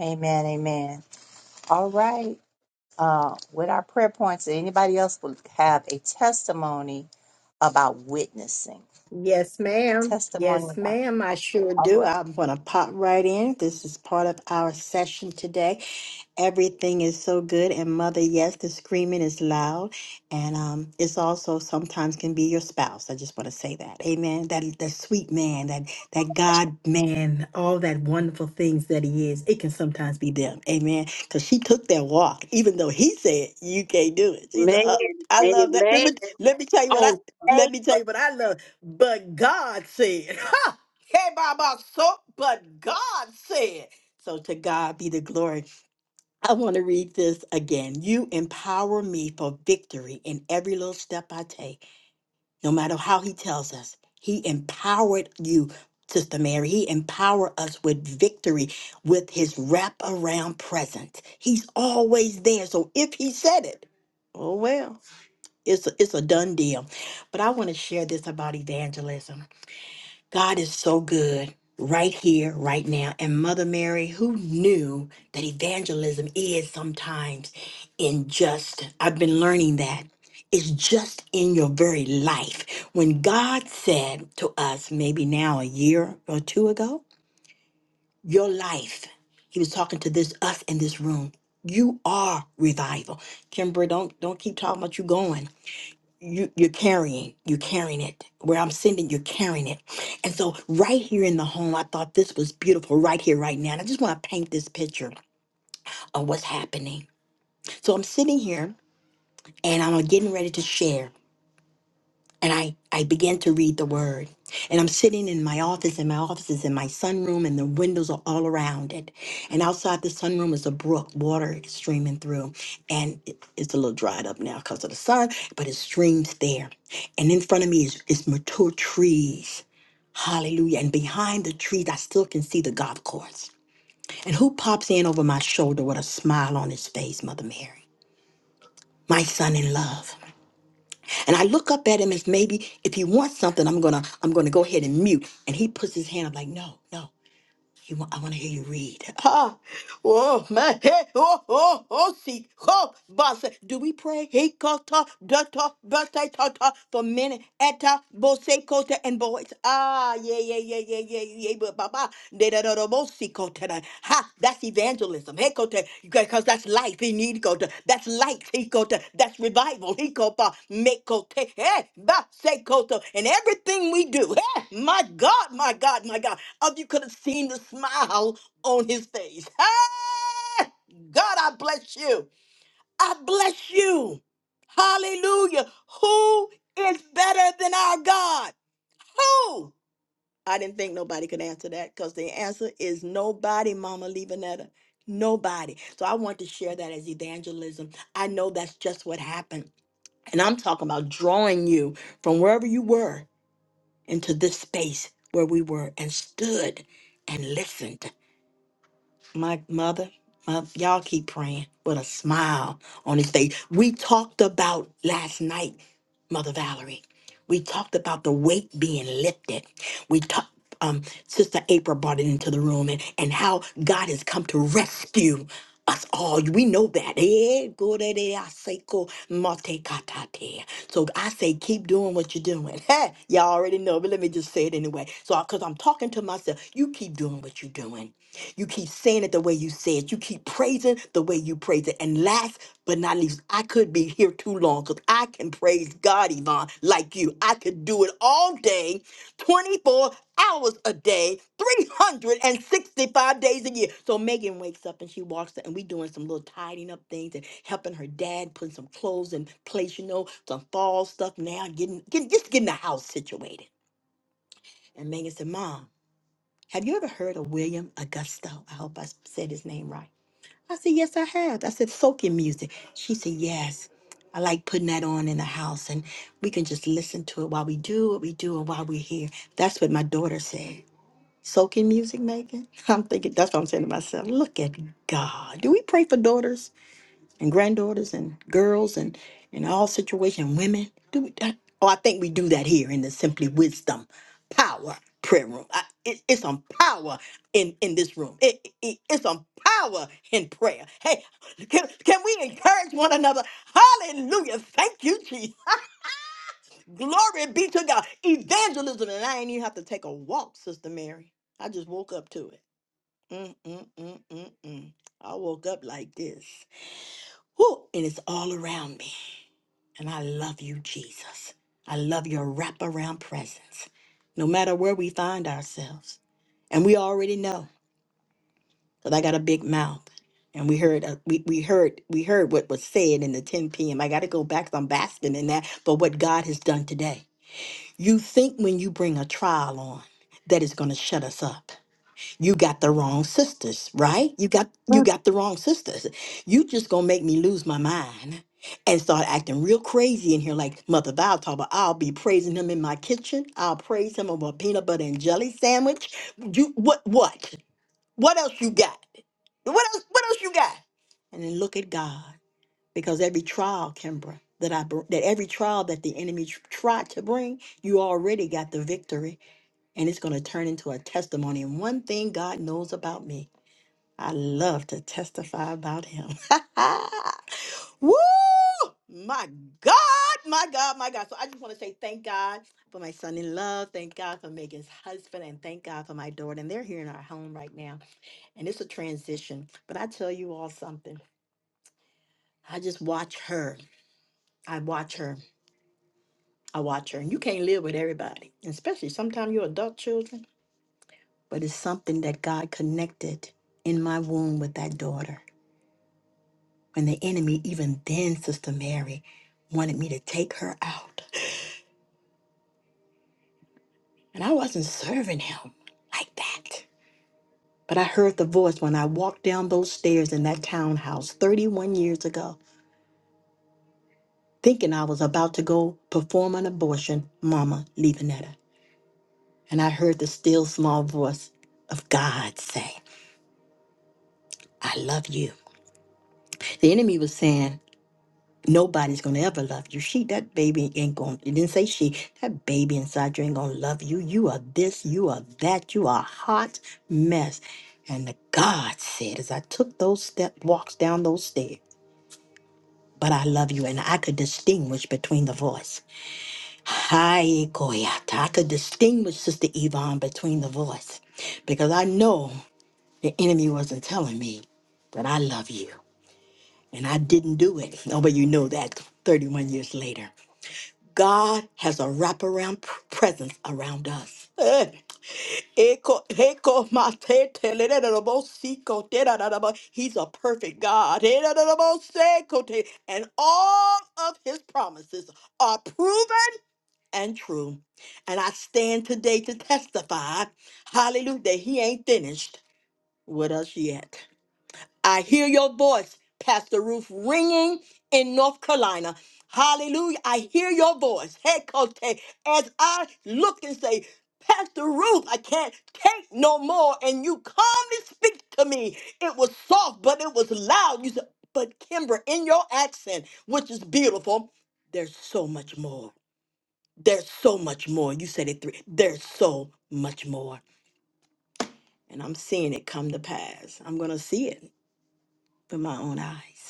Amen. Amen. All right. Uh, with our prayer points, anybody else will have a testimony about witnessing.
Yes, ma'am.
Testimony
Yes,
about.
ma'am. I sure
All
do.
right.
I'm going to pop right in. This is part of our session today. Everything is so good. And mother, yes, the screaming is loud. And um, it's also sometimes can be your spouse. I just want to say that. Amen. That that sweet man, that that God man, all that wonderful things that he is, it can sometimes be them. Amen. Because she took that walk, even though he said, You can't do it. She's
Man,
uh, I love that. Let
amen.
me let me tell you what I
Oh,
let me tell you what I love. But God said, "Ha, Hey, Baba, so but God said. So to God be the glory. I want to read this again. You empower me for victory in every little step I take, no matter how he tells us. He empowered you, Sister Mary. He empowered us with victory with his wraparound presence. He's always there. So if he said it, oh well, it's a, it's a done deal. But I want to share this about evangelism. God is so good right here, right now. And Mother Mary, who knew that evangelism is sometimes in just, I've been learning that. It's just in your very life. When God said to us, maybe now a year or two ago, your life, He was talking to this us in this room. You are revival. Kimber, don't don't keep talking about you going you you're carrying you're carrying it where i'm sending you're carrying it and so right here in the home i thought this was beautiful right here right now and i just want to paint this picture of what's happening so i'm sitting here and i'm getting ready to share and I, I began to read the word. And I'm sitting in my office, and my office is in my sunroom, and the windows are all around it. And outside the sunroom is a brook, water is streaming through. And it- it's a little dried up now because of the sun, but it streams there. And in front of me is, is mature trees. Hallelujah. And behind the trees, I still can see the golf course. And who pops in over my shoulder with a smile on his face, Mother Mary? My son in love. And I look up at him as maybe if he wants something, I'm gonna I'm gonna go ahead and mute. And he puts his hand up like, no, no, you want, I want to hear you read. Ah, oh my head, oh oh oh, see, oh, boss. Do we pray? He kota data bata tata for minute eta bose kota and boys. Ah, yeah yeah yeah yeah yeah yeah, but baba de da da da bose kota. Ha, that's evangelism. Hey kota, because that's life. He need God. That's life. He got that's revival. He got uh, make go te- eh, ba- say go to- and everything we do. eh, my God, my God, my God. If you could have seen the smile on his face. Eh, God, I bless you. I bless you. Hallelujah. Who is better than our God? Who? I didn't think nobody could answer that because the answer is nobody, Mama Levanetta. Nobody. So I want to share that as evangelism. I know that's just what happened. And I'm talking about drawing you from wherever you were into this space where we were and stood and listened my mother, my, y'all keep praying with a smile on his face. We talked about last night, Mother Valerie. We talked about the weight being lifted. We talked. Um, Sister April brought it into the room and, and how God has come to rescue us all. We know that. Eh, gore de aseko mate katate. So I say, keep doing what you're doing. Hey, y'all already know, but let me just say it anyway. So, because I'm talking to myself, you keep doing what you're doing. You keep saying it the way you say it. You keep praising the way you praise it. And last but not least, I could be here too long because I can praise God, Yvonne, like you. I could do it all day, 24 hours a day, 365 days a year. So Megan wakes up and she walks in, and we doing some little tidying up things and helping her dad putting some clothes in place, you know, some fall stuff now, getting, getting just getting the house situated. And Megan said, Mom, have you ever heard of William Augusto? I hope I said his name right. I said, Yes, I have. I said, Soaking music. She said, Yes. I like putting that on in the house and we can just listen to it while we do what we do and while we're here. That's what my daughter said. Soaking music, Megan. I'm thinking, that's what I'm saying to myself. Look at God. Do we pray for daughters? and granddaughters and girls and in all situations, women. Do we? I- Oh, I think we do that here in the Simply Wisdom Power Prayer Room. I, it, it's some power in in this room. It, it, it's some power in prayer. Hey, can, can we encourage one another? Hallelujah! Thank you, Jesus. Glory be to God. Evangelism, and I ain't even have to take a walk, Sister Mary. I just woke up to it. Mm, mm, mm, mm, mm. I woke up like this. Whew, and it's all around me. And I love you, Jesus. I love your wraparound presence, no matter where we find ourselves. And we already know, because I got a big mouth. And we heard, uh, we, we heard, we heard what was said in the 10 p.m. I got to go back. 'cause I'm basking in that for what God has done today. You think when you bring a trial on that is going to shut us up you got the wrong sisters right you got you got the wrong sisters you just gonna make me lose my mind and start acting real crazy in here like mother Val talk about I'll be praising him in my kitchen. I'll praise him over a peanut butter and jelly sandwich. You what what? What else you got? What else what else you got? And then look at God. Because every trial, Kimbra, that I br- that every trial that the enemy tr- tried to bring, you already got the victory and it's going to turn into a testimony. And one thing God knows about me, I love to testify about Him. Woo! My God, my God, my God. So I just want to say thank God for my son in love. Thank God for Megan's husband. And thank God for my daughter. And they're here in our home right now. And it's a transition. But I tell you all something. I just watch her. I watch her. I watch her. And you can't live with everybody, especially sometimes you're adult children. but it's something that God connected in my womb with that daughter. When the enemy, even then, Sister Mary, wanted me to take her out. And I wasn't serving him like that. But I heard the voice when I walked down those stairs in that townhouse 31 years ago, thinking I was about to go perform an abortion, Mama Levanetta. And I heard the still small voice of God say, I love you. The enemy was saying, Nobody's gonna ever love you. She, that baby ain't gonna, it didn't say she, that baby inside you ain't gonna love you. You are this, you are that, you are a hot mess. And the God said, as I took those step walks down those stairs, but I love you, and I could distinguish between the voice. Hi, Koyata. I could distinguish Sister Yvonne between the voice because I know the enemy wasn't telling me that I love you. And I didn't do it. Nobody you know that 31 years later. God has a wraparound p- presence around us. Eh, eko- eko mate telererebo siko terararabo. He's a perfect God. Erararabo seko te- And all of his promises are proven and true. And I stand today to testify, hallelujah, that he ain't finished with us yet. I hear your voice, Pastor Ruth, ringing in North Carolina. Hallelujah. I hear your voice. Hey, Cote, as I look and say, Pastor Ruth, I can't take no more. And you calmly speak to me. It was soft, but it was loud. You said, but Kimber, in your accent, which is beautiful, there's so much more. There's so much more. You said it three. There's so much more. And I'm seeing it come to pass. I'm going to see it with my own eyes.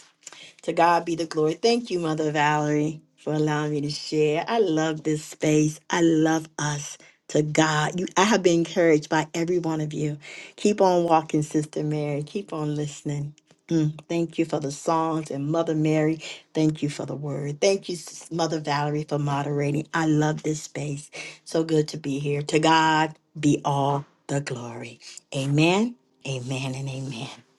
To God be the glory. Thank you, Mother Valerie, for allowing me to share. I love this space. I love us. To God, you, I have been encouraged by every one of you. Keep on walking, Sister Mary. Keep on listening. Mm, thank you for the songs and Mother Mary. Thank you for the word. Thank you, Sis- Mother Valerie, for moderating. I love this space. So good to be here. To God be all the glory. Amen, amen, and amen.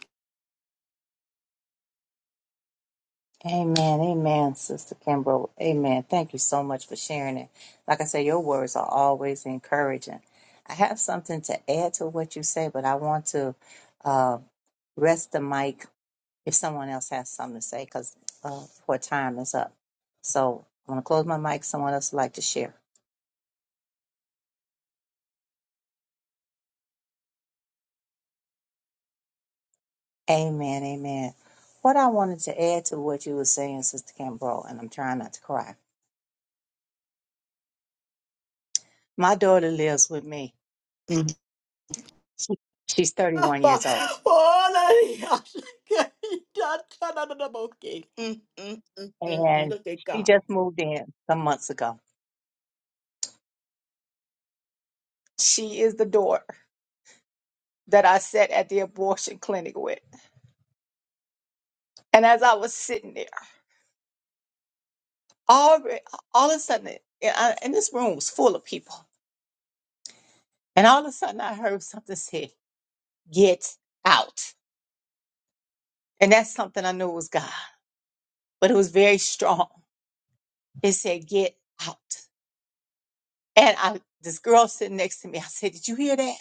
Amen, amen, Sister Kimbrough. Amen. Thank you so much for sharing it. Like I say, your words are always encouraging. I have something to add to what you say, but I want to uh, rest the mic if someone else has something to say because uh, for time is up. So I'm going to close my mic. Someone else would like to share. Amen, amen. What I wanted to add to what you were saying, Sister Kimbrough, and I'm trying not to cry. My daughter lives with me. She, she's 31
Abba,
years old
hallelujah. Mm, mm, mm, mm, mm.
and
Look at
she
God.
just moved in some months ago. She is the daughter that I sat at the abortion clinic with. And as I was sitting there, all, all of a sudden, in, I- in this room was people, and all of a sudden I heard something say, Get out. And that's something I knew was God, but it was very strong. It said, Get out. And I, this girl sitting next to me, I said, Did you hear that?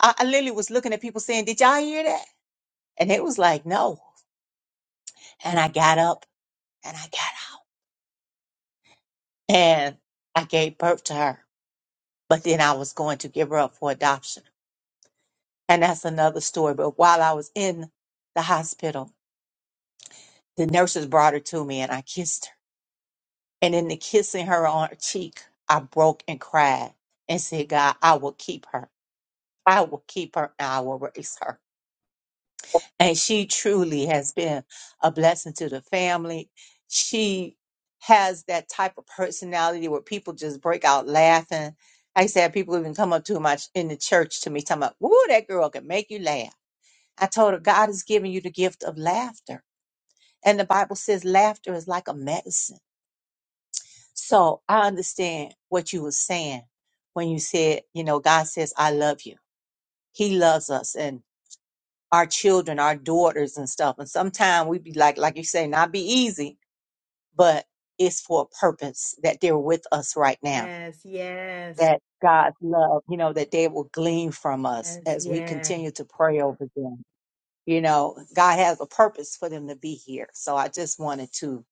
I, I literally was looking at people saying, Did y'all hear that? And it was like, No. And I got up and I got out. and I gave birth to her. But then I was going to give her up for adoption. And that's another story. But while I was in the hospital, the nurses brought her to me and I kissed her. And in the kissing her on her cheek, I broke and cried and said, God, I will keep her. I will keep her and I will raise her. and she truly has been a blessing to the family. She has that type of personality where people just break out laughing. I said people even come up to my in the church to me talking about, "Woo, that girl can make you laugh." I told her God has given you the gift of laughter, and the Bible says laughter is like a medicine. So I understand what you were saying when you said, you know, God says, "I love you." He loves us, and our children, our daughters and stuff. And sometimes we be like, like you say, not be easy, but it's for a purpose that they're with us right now.
Yes, yes,
That God's love, you know, that they will glean from us
yes,
as we
yes.
continue to pray over them. You know, God has a purpose for them to be here. So I just wanted to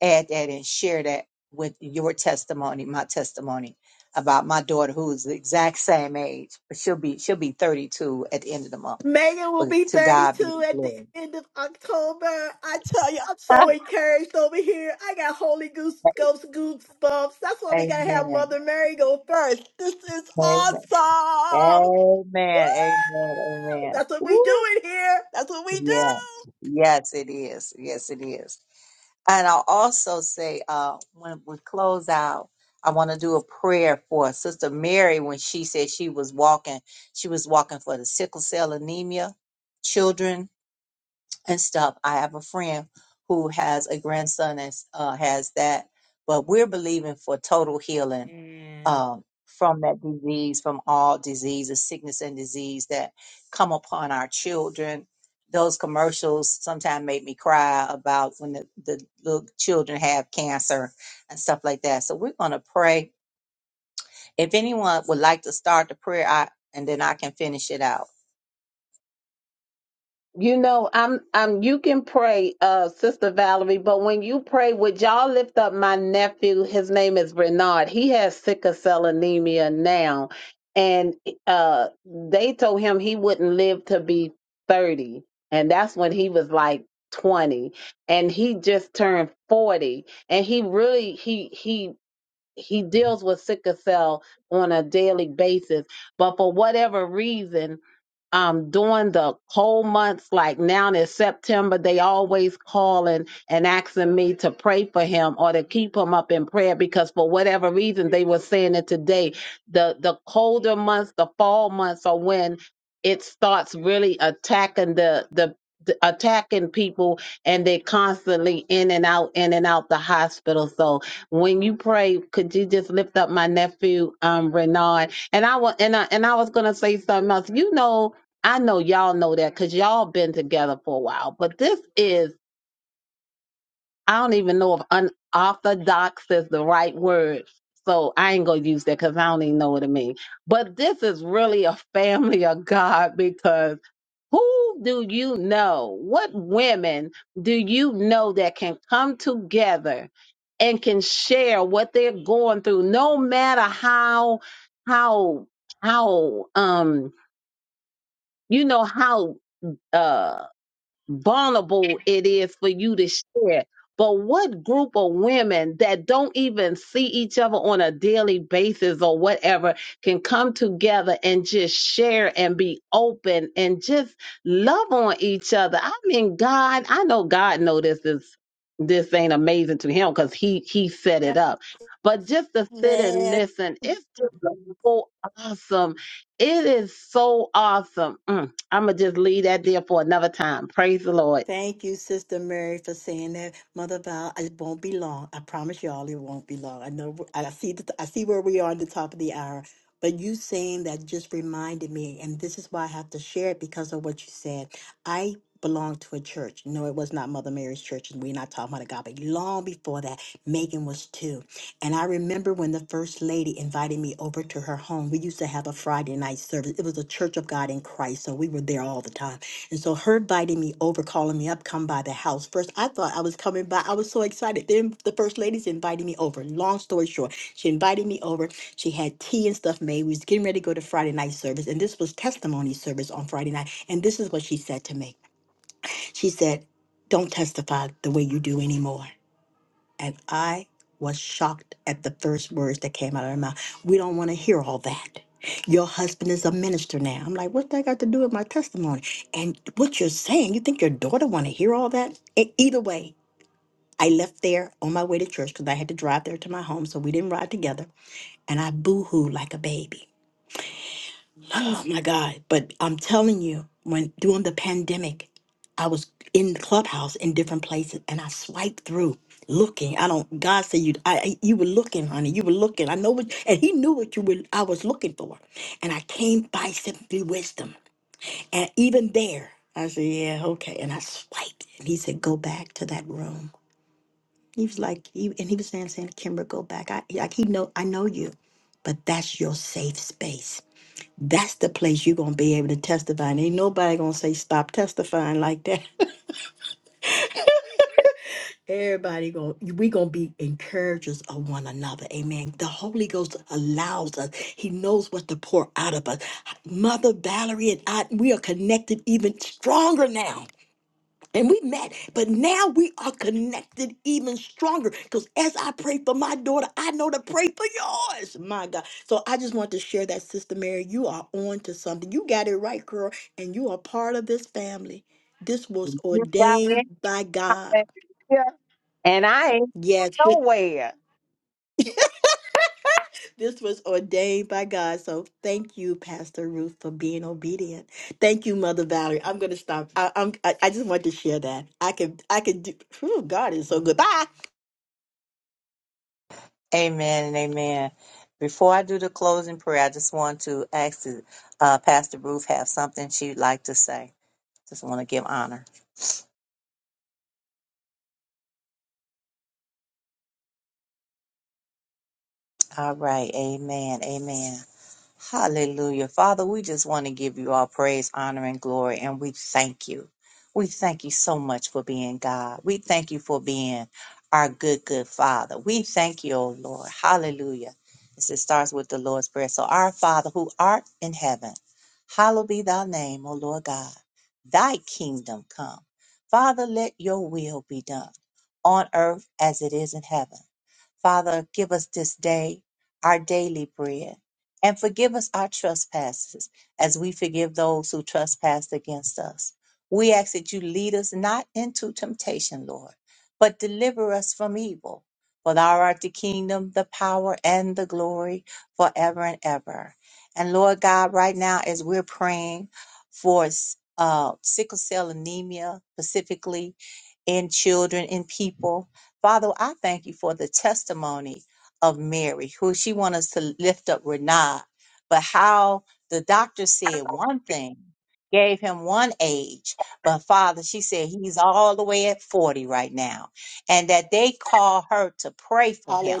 add that and share that with your testimony, my testimony about my daughter who is the exact same age. but She'll be she'll be 32 at the end of the month.
Megan will
But
be
to God be
32
the
at the
glory.
end of October. I tell you, I'm so encouraged over here. I got Holy Goose
Amen.
Ghost goosebumps. That's why we gotta have
Amen.
Mother Mary go first. This is
Amen.
awesome.
Amen.
Woo!
Amen.
That's what we do
Woo.
in here. That's what we
Yeah.
do.
Yes, it is. Yes, it is. And I'll also say, uh, when we close out, I want to do a prayer for Sister Mary when she said she was walking, she was walking for the sickle cell anemia children and stuff. I have a friend who has a grandson that uh, has that, but we're believing for total healing
Man.
um, from that disease, from all diseases, sickness and disease that come upon our children. Those commercials sometimes make me cry about when the, the little children have cancer and stuff like that. So we're going to pray. If anyone would like to start the prayer, I, and then I can finish it out.
You know, I'm I'm you can pray, uh, Sister Valerie, but when you pray, would y'all lift up my nephew? His name is Bernard. He has sickle cell anemia now. And uh they told him he wouldn't live to be 30. And that's when he was like 20. And he just turned 40. And he really he he he deals with sickle cell on a daily basis. But for whatever reason, um during the cold months like now in september they always calling and asking me to pray for him or to keep him up in prayer because for whatever reason they were saying it today the the colder months the fall months are when it starts really attacking the the the- attacking people and they're constantly in and out in and out the hospital so when you pray could you just lift up my nephew um renard and i was and I, and I was gonna say something else you know I know y'all know that because y'all been together for a while, but this is, I don't even know if unorthodox is the right word. So I ain't going to use that because I don't even know what it means. But this is really a family of God because who do you know? What women do you know that can come together and can share what they're going through, no matter how, how, how, um, you know, how, uh, vulnerable it is for you to share. But what group of women that don't even see each other on a daily basis or whatever can come together and just share and be open and just love on each other? I mean, God, I know God know this is this ain't amazing to him because he he set it up. But just to sit and
Man.
listen, it's just so awesome. It is so awesome. Mm. I'm gonna just leave that there for another time. Praise the Lord.
Thank you, Sister Mary, for saying that. Mother Val, it won't be long. I promise y'all, it won't be long. I know. I see. The, I see where we are at the top of the hour. But you saying that just reminded me, and this is why I have to share it because of what you said. I belonged to a church. No, it was not Mother Mary's church, and we're not talking about a God. But long before that, Megan was too. And I remember when the first lady invited me over to her home. We used to have a Friday night service. It was a Church of God in Christ, so we were there all the time. And so her inviting me over, calling me up, come by the house. First, I thought I was coming by. I was so excited. Then the first lady's invited me over. Long story short, she invited me over. She had tea and stuff made. We was getting ready to go to Friday night service. And this was testimony service on Friday night. And this is what she said to me. She said, Don't testify the way you do anymore. And I was shocked at the first words that came out of her mouth. We don't want to hear all that. Your husband is a minister now. I'm like, what that got to do with my testimony? And what you're saying, you think your daughter want to hear all that? E- either way, I left there on my way to church because I had to drive there to my home, so we didn't ride together. And I boo-hooed like a baby. Oh my God. But I'm telling you, when during the pandemic, I was in Clubhouse in different places and I swiped through looking. I don't God said you I I- you were looking, honey. You were looking. I know what and he knew what you were I was looking for. And I came by simply wisdom. And even there, I said, Yeah, okay. And I swiped. And he said, Go back to that room. He was like, he, and he was saying, saying, Kimber, go back. I like he know I know you, but that's your safe space that's the place you're gonna be able to testify. And ain't nobody gonna say stop testifying like that. Everybody gonna we gonna be encouragers of one another. Amen. The Holy Ghost allows us. He knows what to pour out of us. Mother Valerie and I, we are connected even stronger now. And we met, but now we are connected even stronger. Because as I pray for my daughter, I know to pray for yours. My God. So I just want to share that, Sister Mary. You are on to something. You got it right, girl. And you are part of this family. This was
Yes, I
ordained
am.
by God.
Yeah. And I ain't
Yes.
nowhere.
This was ordained by God. So thank you, Pastor Ruth, for being obedient. Thank you, Mother Valerie. I'm gonna stop. I, I'm I, I just want to share that. I can I can do whew, God is so good. Bye.
Amen and amen. Before I do the closing prayer, I just want to ask the, uh, Pastor Ruth have something she'd like to say. Just want to give honor. All right. Amen. Amen. Hallelujah. Father, we just want to give you all praise, honor, and glory, and we thank you. We thank you so much for being God. We thank you for being our good, good Father. We thank you, O Lord. Hallelujah. This it starts with the Lord's Prayer. So, our Father who art in heaven, hallowed be thy name, O Lord God. Thy kingdom come. Father, let your will be done on earth as it is in heaven. Father, give us this day our daily bread, and forgive us our trespasses as we forgive those who trespass against us. We ask that you lead us not into temptation, Lord, but deliver us from evil. For thou art the kingdom, the power, and the glory forever and ever. And Lord God, right now, as we're praying for uh, sickle cell anemia, specifically in children and people, Father, I thank you for the testimony of Mary, who she wants us to lift up Renard, but how the doctor said one thing, gave him one age, but Father, she said he's all the way at 40 right now, and that they call her to pray for him,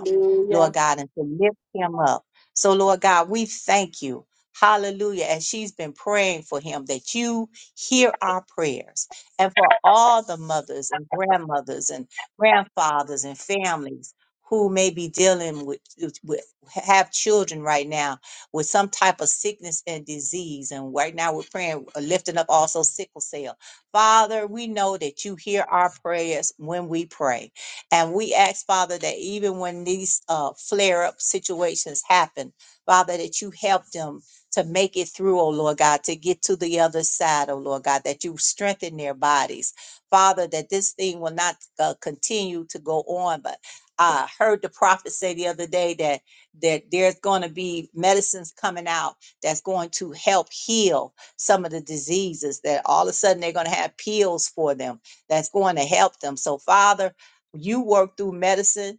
Lord God, and to lift him up. So, Lord God, we thank you. Hallelujah. as she's been praying for him that you hear our prayers and for all the mothers and grandmothers and grandfathers and families who may be dealing with, with have children right now with some type of sickness and disease and right now we're praying uh, lifting up also sickle cell father we know that you hear our prayers when we pray and we ask father that even when these uh, flare-up situations happen father that you help them to make it through oh lord god to get to the other side oh lord god that you strengthen their bodies Father, that this thing will not uh, continue to go on. But I heard the prophet say the other day that that there's going to be medicines coming out that's going to help heal some of the diseases that all of a sudden they're going to have pills for them that's going to help them. So, Father, you work through medicine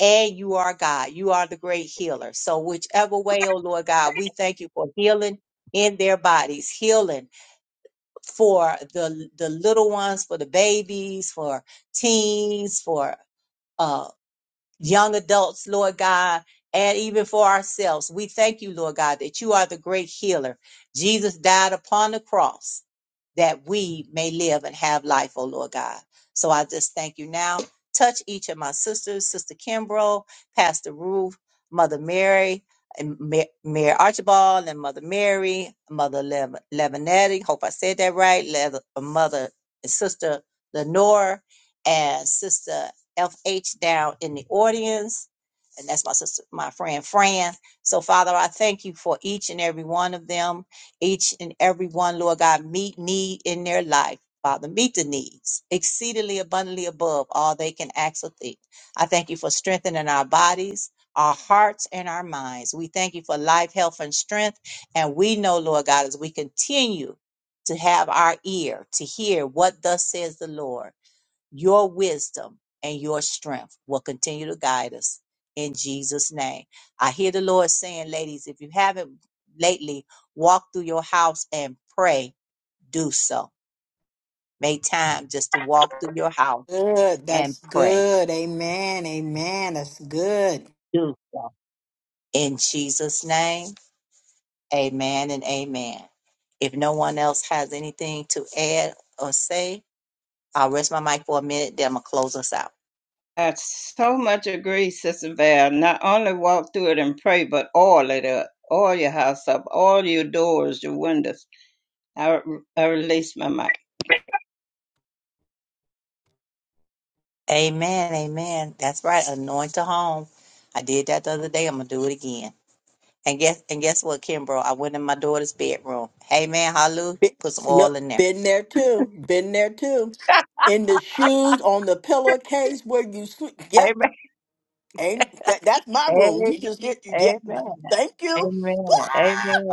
and you are God. You are the great healer. So, whichever way, oh Lord God, we thank you for healing in their bodies, healing for the the little ones, for the babies, for teens, for uh, young adults, Lord God, and even for ourselves. We thank you, Lord God, that you are the great healer. Jesus died upon the cross that we may live and have life, oh Lord God. So I just thank you now. Touch each of my sisters, Sister Kimbrough, Pastor Ruth, Mother Mary, and Ma- Mayor Archibald, and Mother Mary, Mother Lev- Levinetti. Hope I said that right. Lev- Mother and Sister Lenore, and Sister FH down in the audience. And that's my sister, my friend Fran. So, Father, I thank you for each and every one of them each and every one, Lord God, meet need in their life. Father, meet the needs exceedingly abundantly above all they can ask or think. I thank you for strengthening our bodies, our hearts, and our minds. We thank you for life, health, and strength. And we know, Lord God, as we continue to have our ear to hear what thus says the Lord your wisdom and your strength will continue to guide us in Jesus' name. I hear the Lord saying, ladies, if you haven't lately walked through your house and pray, do so. Make time just to walk through your house
Good.
and
That's
pray.
good. Amen. Amen. That's good.
Do so. In Jesus' name, amen and amen. If no one else has anything to add or say, I'll rest my mic for a minute, then I'm going to close us out. Amen, amen. That's right. Anoint a home. I did that the other day. I'm gonna do it again. And guess and guess what, Kimbro? I went in my daughter's bedroom. Amen, hallelujah.
Be-
Put some
look,
oil in there.
been there too. Been there too. In the shoes, on the pillowcase where you sleep. Yep.
Amen.
Ain't that that's my room.
Amen.
You just get yep.
Amen.
Thank you.
Amen.
Ah,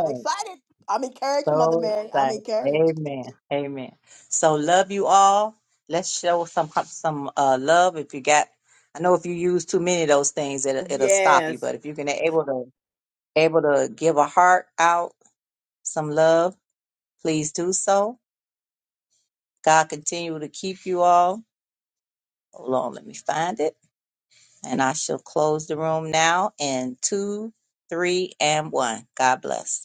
I'm excited. I'm encouraged, Mother
So
Mary. I'm
excited.
encouraged.
Amen. Amen. So love you all. Let's show some some uh, love. If you got, I know if you use too many of those things, it'll, it'll stop you.
Yes.
But if you can able to able to give a heart out, some love, please do so. God continue to keep you all. Hold on, let me find it, and I shall close the room now. In two, three, and one. God bless.